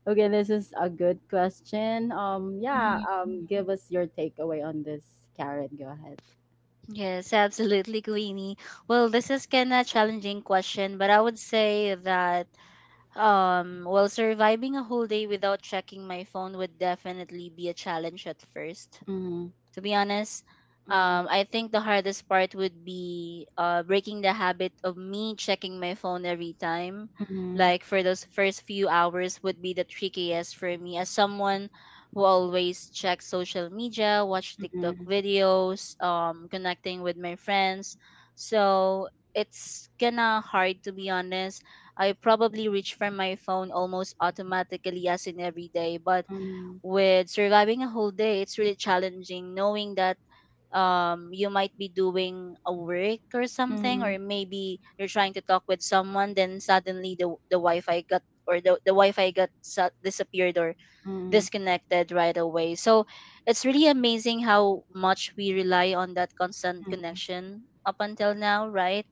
A: Okay, this is a good question. Um, yeah,
C: Hmm.
A: um, give us your takeaway on this, Karen. Go ahead.
B: Yes, absolutely, Queenie. Well, this is kind of challenging question, but I would say that Um, well, surviving a whole day without checking my phone would definitely be a challenge at first,
A: Mm-hmm,
B: to be honest.
A: mm-hmm,
B: Um, I think the hardest part would be uh, breaking the habit of me checking my phone every time.
A: mm-hmm,
B: Like for those first few hours would be the trickiest for me, as someone who always checks social media, watch TikTok videos, um, connecting with my friends. So it's kinda hard to be honest. I probably reach for my phone almost automatically as in every day, but
A: mm-hmm.
B: with surviving a whole day, it's really challenging knowing that um you might be doing a work or something, or
A: Mhm,
B: maybe you're trying to talk with someone, then suddenly the the wi-fi got, or the, the wi-fi got su- disappeared or
A: mhm,
B: disconnected right away. So it's really amazing how much we rely on that constant
A: mhm,
B: connection up until now, right?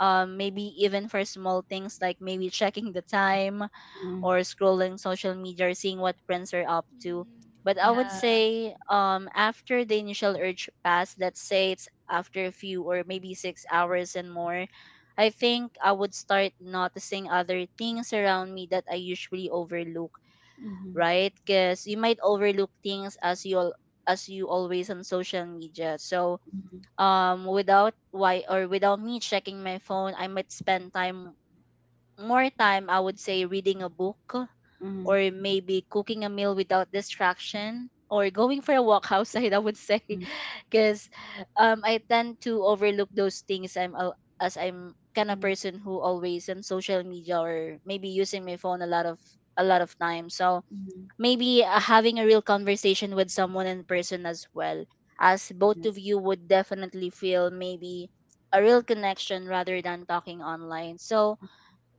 B: um, Maybe even for small things like maybe checking the time,
A: mhm,
B: or scrolling social media, or seeing what friends are up to.
C: Mm-hmm.
B: But I would
A: mhm,
C: Yeah.
B: say um, after the initial urge pass, let's say it's after a few or maybe six hours and more, I think I would start noticing other things around me that I usually overlook,
A: mhm,
B: right? Because you might overlook things as you al-, as you always on social media. So
A: mhm,
B: um without why, or without me checking my phone, I might spend time, more time, I would say, reading a book,
A: mhm,
B: or maybe cooking a meal without distraction, or going for a walk (laughs) outside, I would say,
A: mhm,
B: (laughs) because um I tend to overlook those things. I'm al- as I'm kind of
A: mhm,
B: person who always on social media, or maybe using my phone a lot of a lot of time. So
A: mhm.
B: maybe uh, having a real conversation with someone in person as well as both
A: Yeah,
B: of you would definitely feel maybe a real connection rather than talking online. So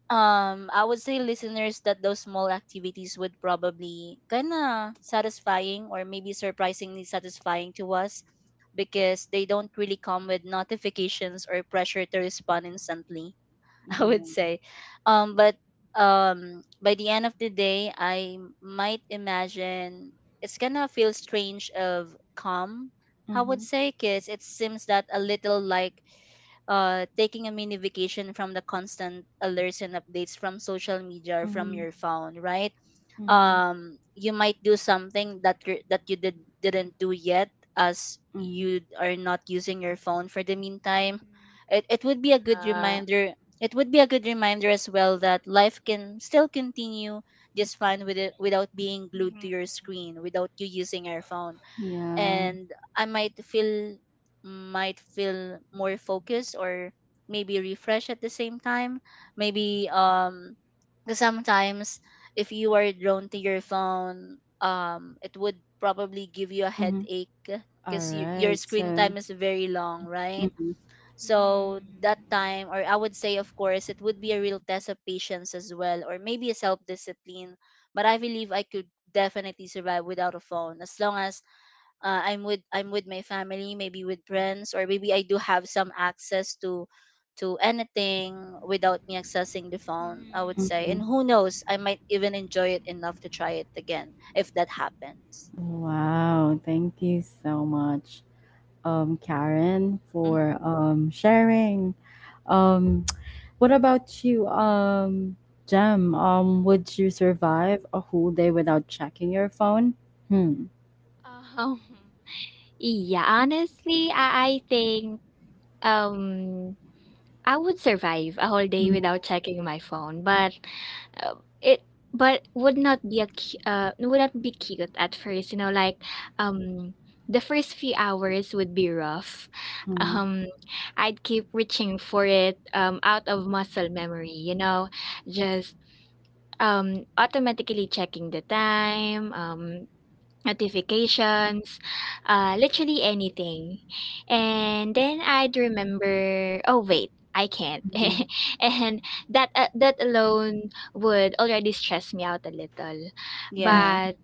B: um I would say, listeners, that those small activities would probably kind of satisfying, or maybe surprisingly satisfying to us, because they don't really come with notifications or pressure to respond instantly, (laughs) I would
A: yeah.
B: say. Um but um by the end of the day, I might imagine it's gonna feel strange of calm, I would
A: Mhm,
B: say, because it seems that a little like uh, taking a mini vacation from the constant alerts and updates from social media or from
A: mhm,
B: your phone, right?
A: mhm,
B: Um, you might do something that you're, that you did didn't do yet, as
A: mhm.
B: you are not using your phone for the meantime.
C: Mm.
B: It it would be a good
C: Ah.
B: reminder. It would be a good reminder as well that life can still continue just fine with it, without being glued to your
C: Mhm.
B: screen, without you using your phone.
A: Yeah.
B: And I might feel, might feel more focused, or maybe refresh at the same time. Maybe um 'cause sometimes if you are drawn to your phone, um it would probably give you a
A: Mhm.
B: headache
A: All
B: because you, your
A: right.
B: screen
A: So,
B: time is very long, right?
A: mhm,
B: So that
C: Mm-hmm.
B: time, or I would say, of course, it would be a real test of patience as well, or maybe a self discipline. But I believe I could definitely survive without a phone as long as uh, I'm with I'm with my family, maybe with friends, or maybe I do have some access to to anything without me accessing the phone, I would
C: Mm-hmm.
B: say. And
A: mhm.
B: who knows, I might even enjoy it enough to try it again if that happens.
A: Wow. Thank you so much, um, Karen,
B: Hmm.
A: for um sharing. Um, (tsk) what about you, um, Jem? Um, would you survive a whole day without checking your phone? Hmm.
C: Um, (laughs) yeah, honestly, I, I think um I would survive a whole day without checking my phone, but uh, it but would not be a cu- uh would not be cute at first, you know, like um the first few hours would be rough. (laughs)
A: Mhm,
C: Um I'd keep reaching for it um out of muscle memory, you know, just. Um, automatically checking the time, um, notifications, uh, literally anything. And then I'd remember, oh wait, I can't.
A: mhm,
C: (laughs) And that uh, that alone would already stress me out a little.
A: mhm,
B: Yeah.
C: But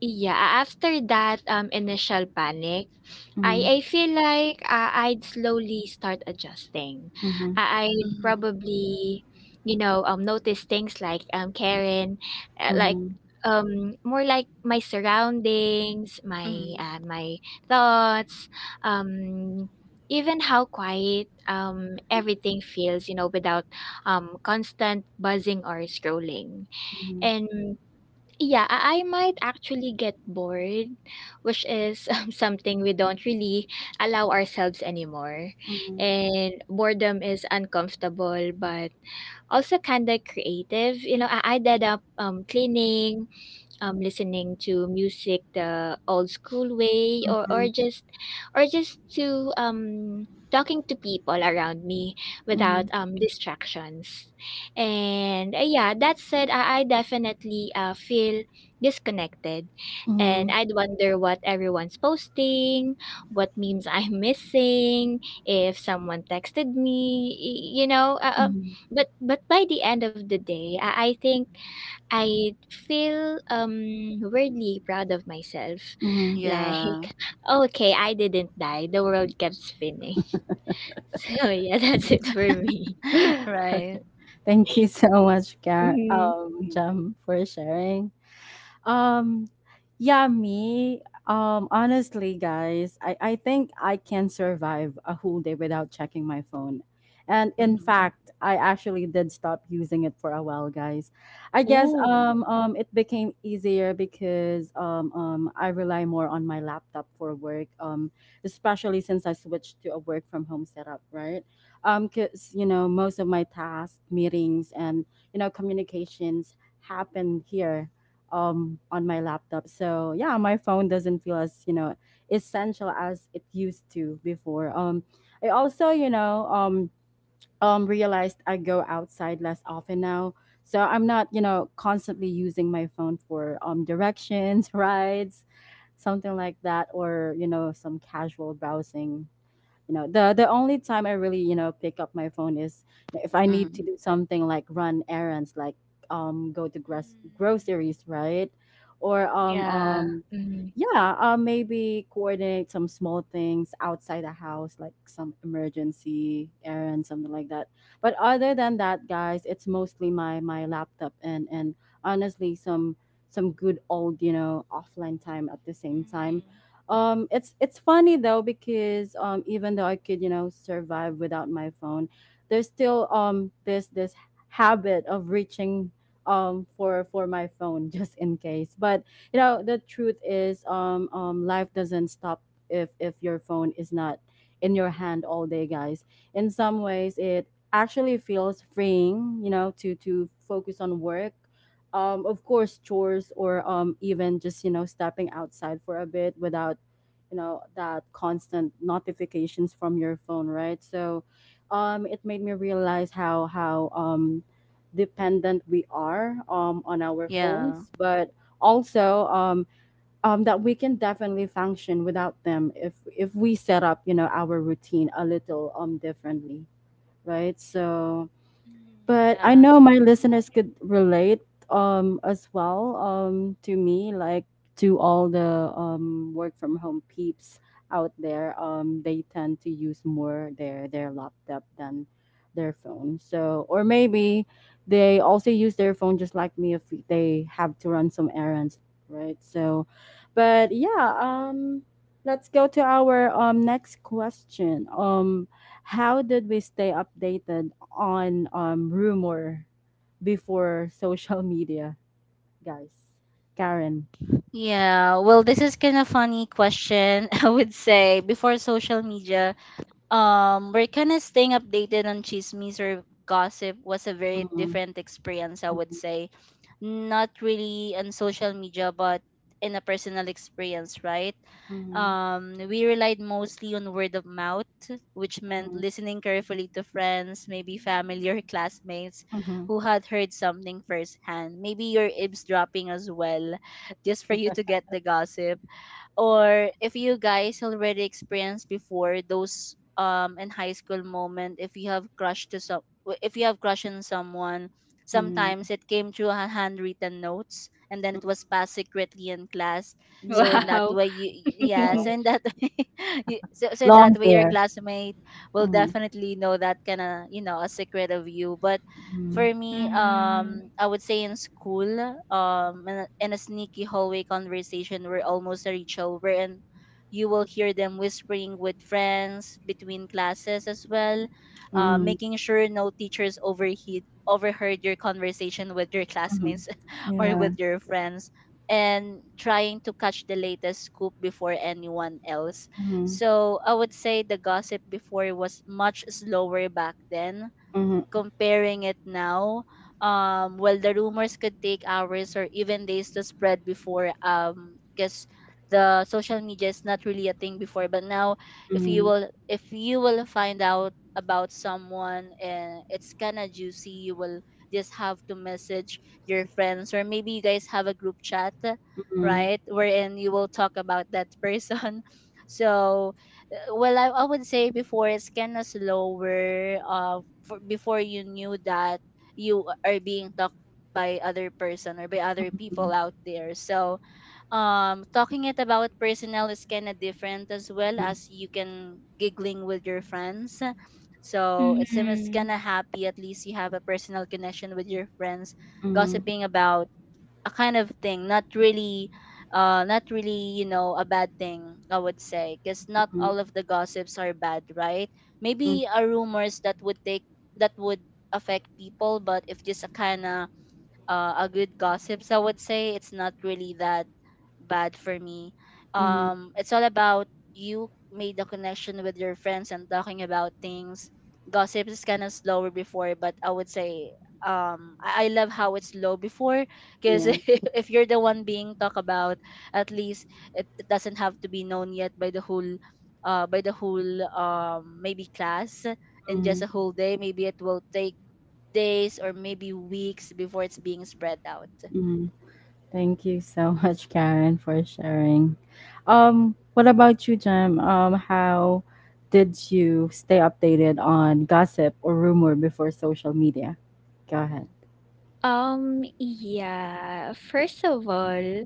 C: yeah, after that um initial panic,
A: mhm,
C: I I feel like, uh, I'd slowly start adjusting.
A: mhm,
C: I I'd
B: Hmm.
C: probably, you know, um, notice things like, um, Karen, uh, like,
A: mhm,
C: um, more like my surroundings, my,
B: Hmm.
C: uh, my thoughts, um, even how quiet, um, everything feels, you know, without, um, constant buzzing or scrolling.
A: mhm,
C: And yeah, I I might actually get bored, which is (laughs) um, something we don't really allow ourselves anymore.
A: mhm,
C: And boredom is uncomfortable, but also kind of creative. You know, I, I ended up um, cleaning, um listening to music the old school way or or
A: mhm,
C: just or just to um talking to people around me without
A: mhm,
C: um distractions and uh, yeah that said i, I definitely uh, feel disconnected and
A: mhm,
C: I'd wonder what everyone's posting, what memes (laughs) I'm missing, if someone texted me y- you know uh, uh,
A: mhm,
C: But but by the end of the day i, I think I feel um weirdly proud of myself.
A: mhm.
C: Like,
B: Yeah.
C: okay, I didn't die. The world kept spinning. (laughs) So yeah, that's it for me.
B: (laughs)
A: (laughs)
B: Right.
A: Thank you so much, Gar
C: Hmm.
A: um, Jam, for sharing. Um, yeah, me. Um, honestly, guys, I, I think I can survive a whole day without checking my phone. And in
B: Hmm.
A: fact, I actually did stop using it for a while, guys. I guess
B: Ooh.
A: um, um, it became easier because um, um, I rely more on my laptop for work, um, especially since I switched to a work from home setup, right? Because, you know, most of my tasks, meetings, and, you know, communications happen here um, on my laptop. So yeah, my phone doesn't feel as you know essential as it used to before. Um, I also you know um, um, realized I go outside less often now. So I'm not you know constantly using my phone for um, directions, (laughs) rides, something like that, or you know some casual browsing you know the the only time I really you know pick up my phone is if I need
B: Hmm.
A: to do something like run errands like um go to gros-
C: Mm,
A: groceries, right? Or um
C: yeah.
A: um
C: Hmm.
A: yeah, uh, maybe coordinate some small things outside the house like some emergency errand, something like that. But other than that, guys, it's mostly my my laptop and and honestly some some good old, you know offline time at the same time.
C: Mm,
A: um it's it's funny though, because um even though I could you know survive without my phone, there's still um this this habit of reaching um for for my phone (laughs) just in case. But you know, the truth is um um life doesn't stop if if your phone is not in your hand all day, guys. In some ways, it actually feels freeing, you know, to to focus on work, um, of course, chores, or um, even just, you know, stepping outside for a bit without, you know, that constant notifications from your phone, right? So um it made me realize how how um dependent we are um on our
B: Yeah.
A: phones. But also um um that we can definitely function without them if if we set up, you know, our routine a little um differently, right? So
C: mm,
A: but I
C: yeah.
A: know my
C: I know.
A: listeners could relate um as well, um to me, like to all the um work from home peeps out there. um they tend to use more their their laptop than their phone. So or maybe they also use their phone just like me if they have to run some errands, right? So but yeah, um let's go to our um next question um How did we stay updated on um, rumor before (laughs) social media, guys. Karen.
B: Yeah. Well, this is kind of funny question, (laughs) I would say. Before social media, um we're kind of staying updated on chismes or gossip was a very
A: Mm-hmm.
B: different experience, I would
A: Mm-hmm.
B: say, not really on social media but in a personal experience, right?
A: Mm-hmm.
B: Um we relied mostly on word of mouth, which meant listening carefully to friends, maybe family or
C: Mm.
B: (laughs) classmates
A: Mm-hmm.
B: who had heard something firsthand, maybe you're eavesdropping as well just for you to get the gossip. Or if you guys already experienced before those um in high school moment, if you have crush to some w- if you have crush on someone,
A: Mm-hmm.
B: sometimes it came through ha- handwritten notes and then it
A: Hmm.
B: was passed secretly in class. So
A: Yeah.
B: in that
C: Wow.
B: way you, yeah, so
A: Wow.
B: in
C: (laughs)
B: that (laughs) way you, so, so in that
A: Long
B: way your
A: hair.
B: classmate will
A: Mm-hmm.
B: definitely know that kind of, you know, a secret of you. But for me,
C: Mm.
B: um, I would say in school, um, in a, in a sneaky hallway conversation were almost a ritual, wherein you will hear them whispering with friends between classes as well, uh,
A: Mm-hmm.
B: making sure no teachers overheat overheard your conversation with your classmates
A: Mm-hmm.
B: (laughs) or
A: Yeah.
B: with your friends, and trying to catch the latest scoop before anyone else.
A: Mm-hmm.
B: So I would say the gossip before was much slower back then,
A: Mm-hmm.
B: comparing it now. Um, well, the rumors could take hours or even days to spread before, um, because the social media is not really a thing before. But now, if you
A: Mm-hmm.
B: will, if you will find out about someone and it's kind of juicy, you will just have to message your friends or maybe you guys have a group chat,
A: Mm-hmm.
B: right, wherein you will talk about that person. (laughs) So, uh, well, I, I would say before it's kind of slower, uh for, before you knew that you are being talked by other person or by other people out there. So um talking it about personnel is kind of different, as well
A: Mm-hmm.
B: as you can giggling with your friends. So it's it's kind
C: Hmm.
B: of happy, at least you have a personal connection with your friends,
A: Mm-hmm.
B: gossiping about a kind of thing, not really uh not really, you know, a bad thing, I would say, because not all of the gossips are bad, right?
A: Mm-hmm.
B: Maybe a rumors that would take, that would affect people, but if just a kind of uh, a good gossips, I would say it's not really that bad for me.
A: Mm-hmm.
B: Um it's all about you made a connection with your friends and talking about things. Gossips is kind of slower before, but I would say um i, I love how it's slow before, because
A: Yeah.
B: (laughs) if you're the one being talked about, at least it, it doesn't have to be known yet by the whole uh by the whole um maybe class in
A: Mm-hmm.
B: just a whole day. Maybe it will take days or maybe weeks before it's being spread out.
A: Thank you so much, Karen, for sharing. Um, what about you, Jem? Um, how did you stay updated on gossip or rumor before social media? Go ahead.
C: Um, yeah. First of all,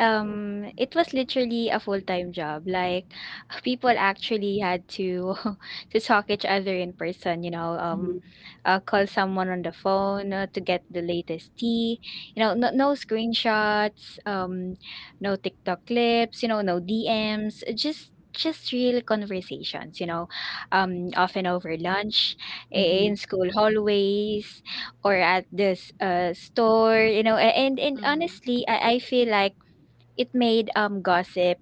C: Um, it was literally a full-time job. Like (laughs) people actually had to (laughs) to talk each other in person, you know,
A: Mm-hmm,
C: um, uh, call someone on the phone uh, to get the latest tea. You know, no, no screenshots, um, no TikTok clips, you know, no D Ms, uh, just just real conversations, you know, um, often over lunch, i- in school hallways, or at this uh store, you know, a- and and
B: Hmm.
C: honestly, I, I feel like it made um gossip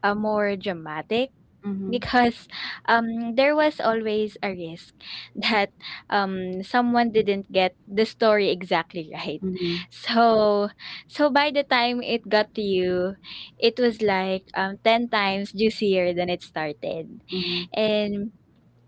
C: uh, more dramatic
A: mm-hmm,
C: because um there was always a risk (laughs) that um someone didn't get the story exactly (laughs) right.
A: mm-hmm,
C: So so by the time it got to you, it was like um ten times juicier than it started.
A: mm-hmm,
C: And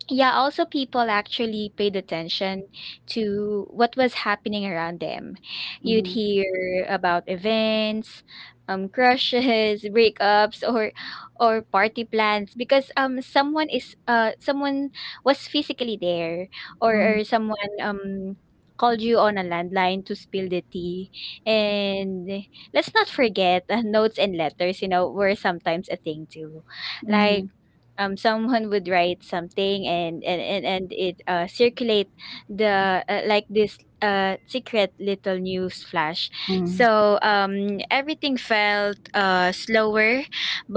C: yeah, also people actually paid attention to what was happening around them. You'd hear about events, um, crushes, (laughs) breakups, or or party plans because um someone is uh someone was physically there or,
A: mm-hmm, mm-hmm,
C: or someone um called you on a landline to spill the tea. And let's not forget uh, notes and letters, you know, were sometimes a thing too. Like
A: mm-hmm,
C: um, someone would write something and and and, and it uh, circulate the uh, like this uh, secret little news flash,
A: mm-hmm,
C: so um, everything felt uh, slower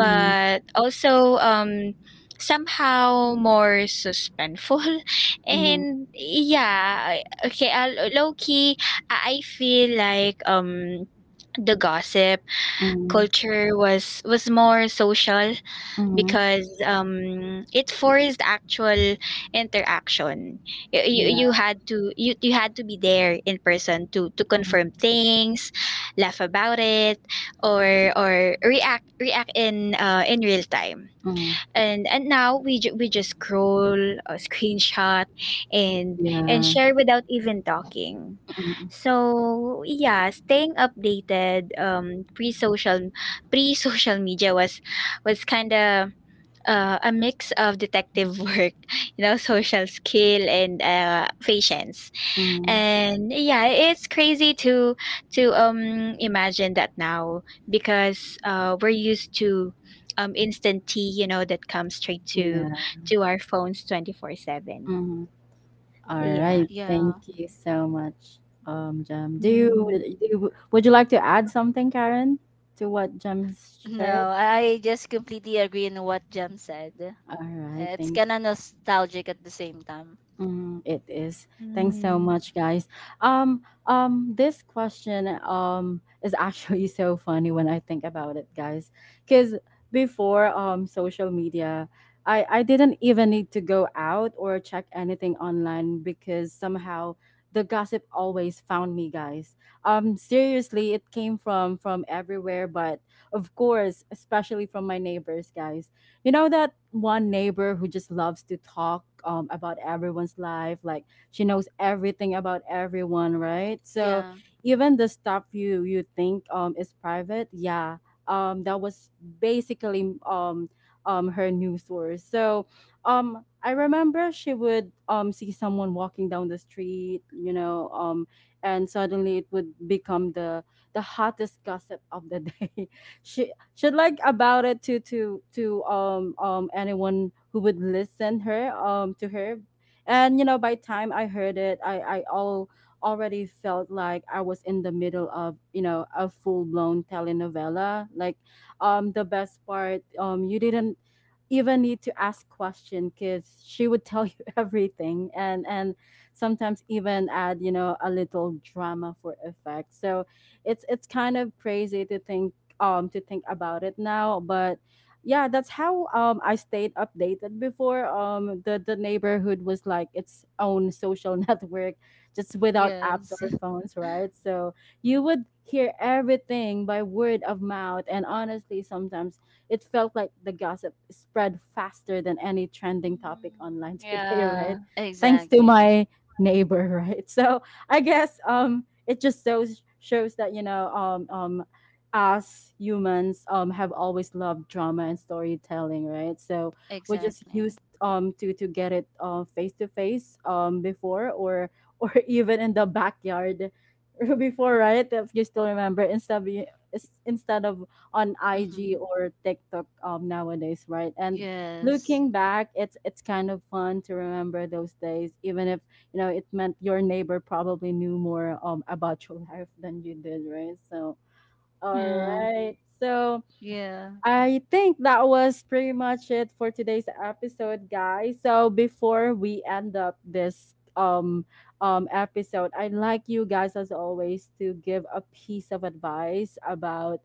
A: mm-hmm,
C: also um, somehow more suspenseful (laughs)
A: mm-hmm,
C: and yeah okay uh, low key i I feel like um the gossip
A: mm-hmm,
C: culture was was more social
A: mm-hmm.
C: because um, it forced actual interaction. You, you, you
A: Yeah.
C: had to you, you had to be there in person to to confirm things, laugh about it, or or react react in uh, in real time.
A: Mm-hmm.
C: And and now we ju- we just scroll, uh, (laughs) screenshot, and and
A: Yeah.
C: share without even talking.
A: Mm-hmm.
C: So yeah, staying updated um, pre social pre social media was was kind of uh, a mix of detective work, (laughs) you know, social skill and uh, patience. And yeah, it's crazy to to um imagine that now because uh, we're used to um instant tea, you know, that comes straight to
A: Yeah.
C: to our phones twenty four seven. So
A: All
C: yeah.
A: right. Thank
B: Yeah. (laughs)
A: you so much, um, Jem. Do you,
C: Mm-hmm.
A: do you- would you like to add something, Karen, to what Jem's shared?
B: No, I I just completely agree in what Jem said.
A: All right.
B: It's
A: Thank
B: kind of nostalgic at the same time.
A: Mm, it is. Thanks so
C: Mm,
A: much, guys. Um, um, this question um is actually (laughs) so funny when I think about it, guys. Because before um social media, I I didn't even need to go out or check anything online because somehow the gossip always found me, guys. Um, seriously, it came from from everywhere, but of course, especially from my neighbors, guys. You know, that one neighbor who just loves to talk, um, about everyone's life. Like, she knows everything about everyone, right? So
B: Yeah.
A: even the stuff you you think um is private, yeah, um that was basically um um her news source. So um I remember she would um see someone walking down the street, you know, um and suddenly it would become the the hottest gossip of the day. (laughs) she she'd like about it to to to um um anyone who would listen her um to her. And you know, by time I heard it, I I all already felt like I was in the middle of, you know, a full-blown telenovela. Like, um the best part, um you didn't even need to ask question because she would tell you (laughs) everything. And and sometimes even add, you know, a little drama for effect. So it's it's kind of crazy to think um to think about it now. But yeah, that's how um I stayed updated before. Um the the neighborhood was like its own social (laughs) network, just without apps
B: Yes.
A: or
B: (laughs)
A: phones, right? So you would hear everything by word of mouth, and honestly sometimes it felt like the gossip spread faster than any trending topic online (laughs)
C: mm,
A: today, right?
C: yeah,
A: Thanks to
B: Exactly.
A: my neighbor. (laughs) Right, so I guess um it just shows shows that, you know, um um us humans um, have always loved drama and storytelling, right? So we just
B: Exactly.
A: used um, to to get it, uh, face to face um before. or or (laughs) even in the backyard (laughs) before, right? If you still remember, instead of is- instead of on I G
B: Mm-hmm.
A: or TikTok um nowadays, right? And
B: Yes.
A: looking back, it's it's kind of fun to remember those days, even if you know it meant your neighbor probably knew more um about your (laughs) life than you did, right? So all
C: yeah.
A: right. So
B: Yeah.
A: I think that was pretty much it for today's episode, guys. So before we end up this um um episode, I'd like you guys, as always, to give a piece of advice about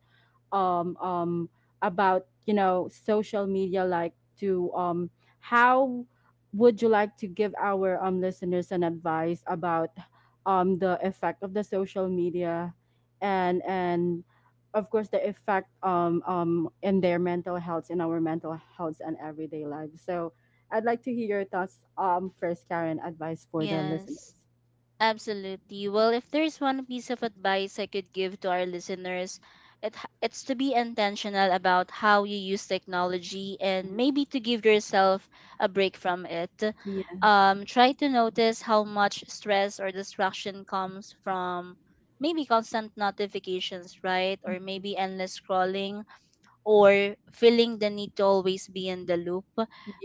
A: um, um, about, you know, social media, like to um, how would you like to give our um, listeners an advice about um, the effect of the social media and and of course the effect um, um, in their mental health, in our mental health and everyday lives. So I'd like to hear your thoughts, um, first, Karen, advice for the
B: Yes.
A: listeners.
B: Absolutely. Well, if there's one piece of advice I could give to our listeners, it, h- it's to be intentional about how you use technology and
A: Mhm.
B: maybe to give yourself a break from it.
A: Yes.
B: Um, try to notice how much stress or distraction comes from maybe constant notifications, right? Or
A: Mhm.
B: maybe endless scrolling or feeling the need to always be in the loop.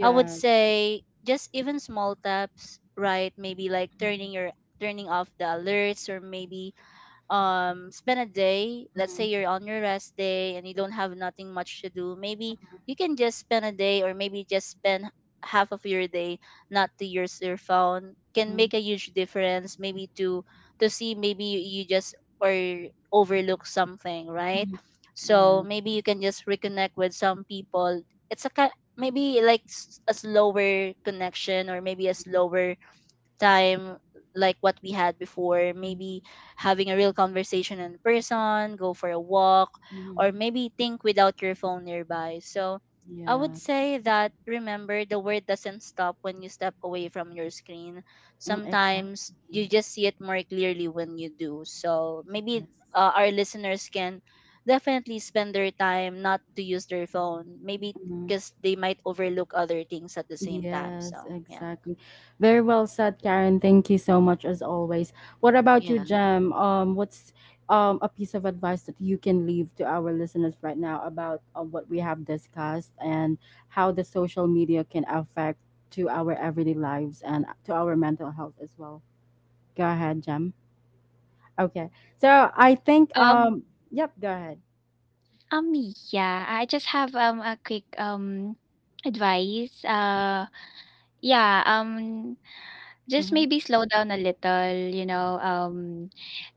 B: I would say just even small taps, right? Maybe like
A: Mhm.
B: turning your turning off the alerts, or maybe um spend a day. Let's say
A: Mhm.
B: you're on your rest day and you don't have nothing much to do, maybe
A: Mhm.
B: you can just spend a day or maybe just spend half of your day not to use your phone, can
A: Mhm.
B: make a huge difference. Maybe to to see maybe you, you just or overlook something, right?
A: Mhm. Yeah.
B: So maybe you can just reconnect with some people. It's a ki- maybe like s- a slower connection, or maybe a slower time, like what we had before.
A: Mhm.
B: Maybe having a real conversation in person, go for a walk, or
A: Mhm.
B: maybe think without your phone nearby. So I would
A: Yeah.
B: say that remember the word doesn't stop when you step away from your screen.
A: Mm,
B: Sometimes
A: exactly.
B: you just see it more clearly when you do. So maybe
A: Yes.
B: uh, our listeners can definitely spend their time not to use their phone, maybe
A: Mhm.
B: because they might overlook other things at the same time.
A: Yes,
B: So
A: exactly. Very well said, Karen. Thank you so much as always. What about you,
B: yeah.
A: Jem? Um, what's um a piece of advice that you can leave to our listeners right now about, uh, what we have discussed and how the social media can affect to our everyday lives and to our mental health as well? Go ahead, Jem. Okay. So I think
C: Um,
A: um yep, go ahead.
C: Um yeah, I just have um a quick um advice. Uh Yeah, um, just
A: Mhm.
C: maybe slow down a little, you know, um,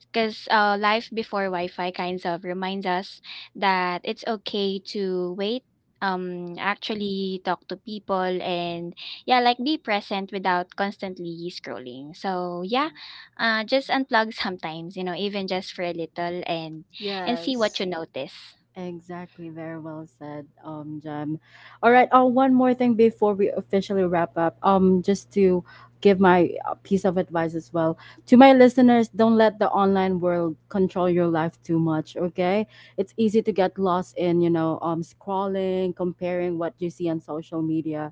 C: because uh, life before Wi-Fi kinds of reminds us that it's okay to wait, um, actually talk to people and yeah, like be present without constantly scrolling. So yeah,
A: Yeah.
C: uh, just unplug (laughs) sometimes, you know, even just for a little and and see what
B: Yes.
C: you notice.
A: Exactly, very well said, um, Jem. All right. Oh, one more thing before we officially wrap up. Um, just to give my uh, piece of advice as well to my listeners: don't let the online world control your life too much. Okay, it's easy to get lost in, you know, um, scrolling, comparing what you see on social media.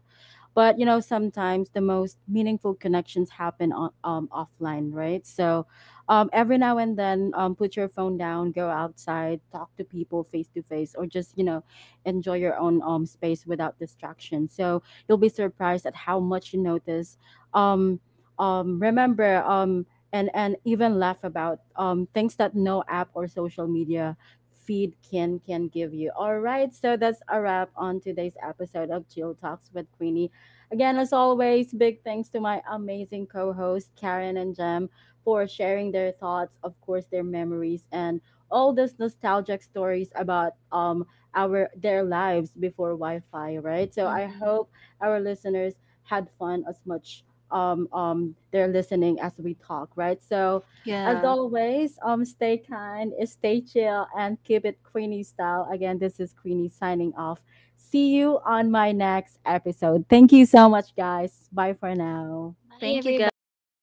A: But you know, sometimes the most meaningful connections happen on, um, offline, right? So um, every now and then, um, put your phone down, go outside, talk to people face to face, or just, you know, enjoy your own um, space without distraction. So you'll be surprised at how much you notice. Um, um, remember, um, and and even laugh about um, things that no app or social media feed can can give you. All right, so that's a wrap on today's episode of Chill Talks with Queenie. Again, as always, big thanks to my amazing co hosts, Karen and Jem, for sharing their thoughts, of course, their memories, and all those nostalgic stories about um our their lives before Wi-Fi, right? So I
B: Hmm.
A: hope our listeners had fun as much um um they're listening as we talk, right? So as
B: Yeah.
A: always, um stay kind, stay chill, and keep it Queenie style. Again, this is Queenie signing off. See you on my next episode. Thank you so much, guys. Bye for now.
C: Bye,
B: Thank you,
C: everybody.
B: guys.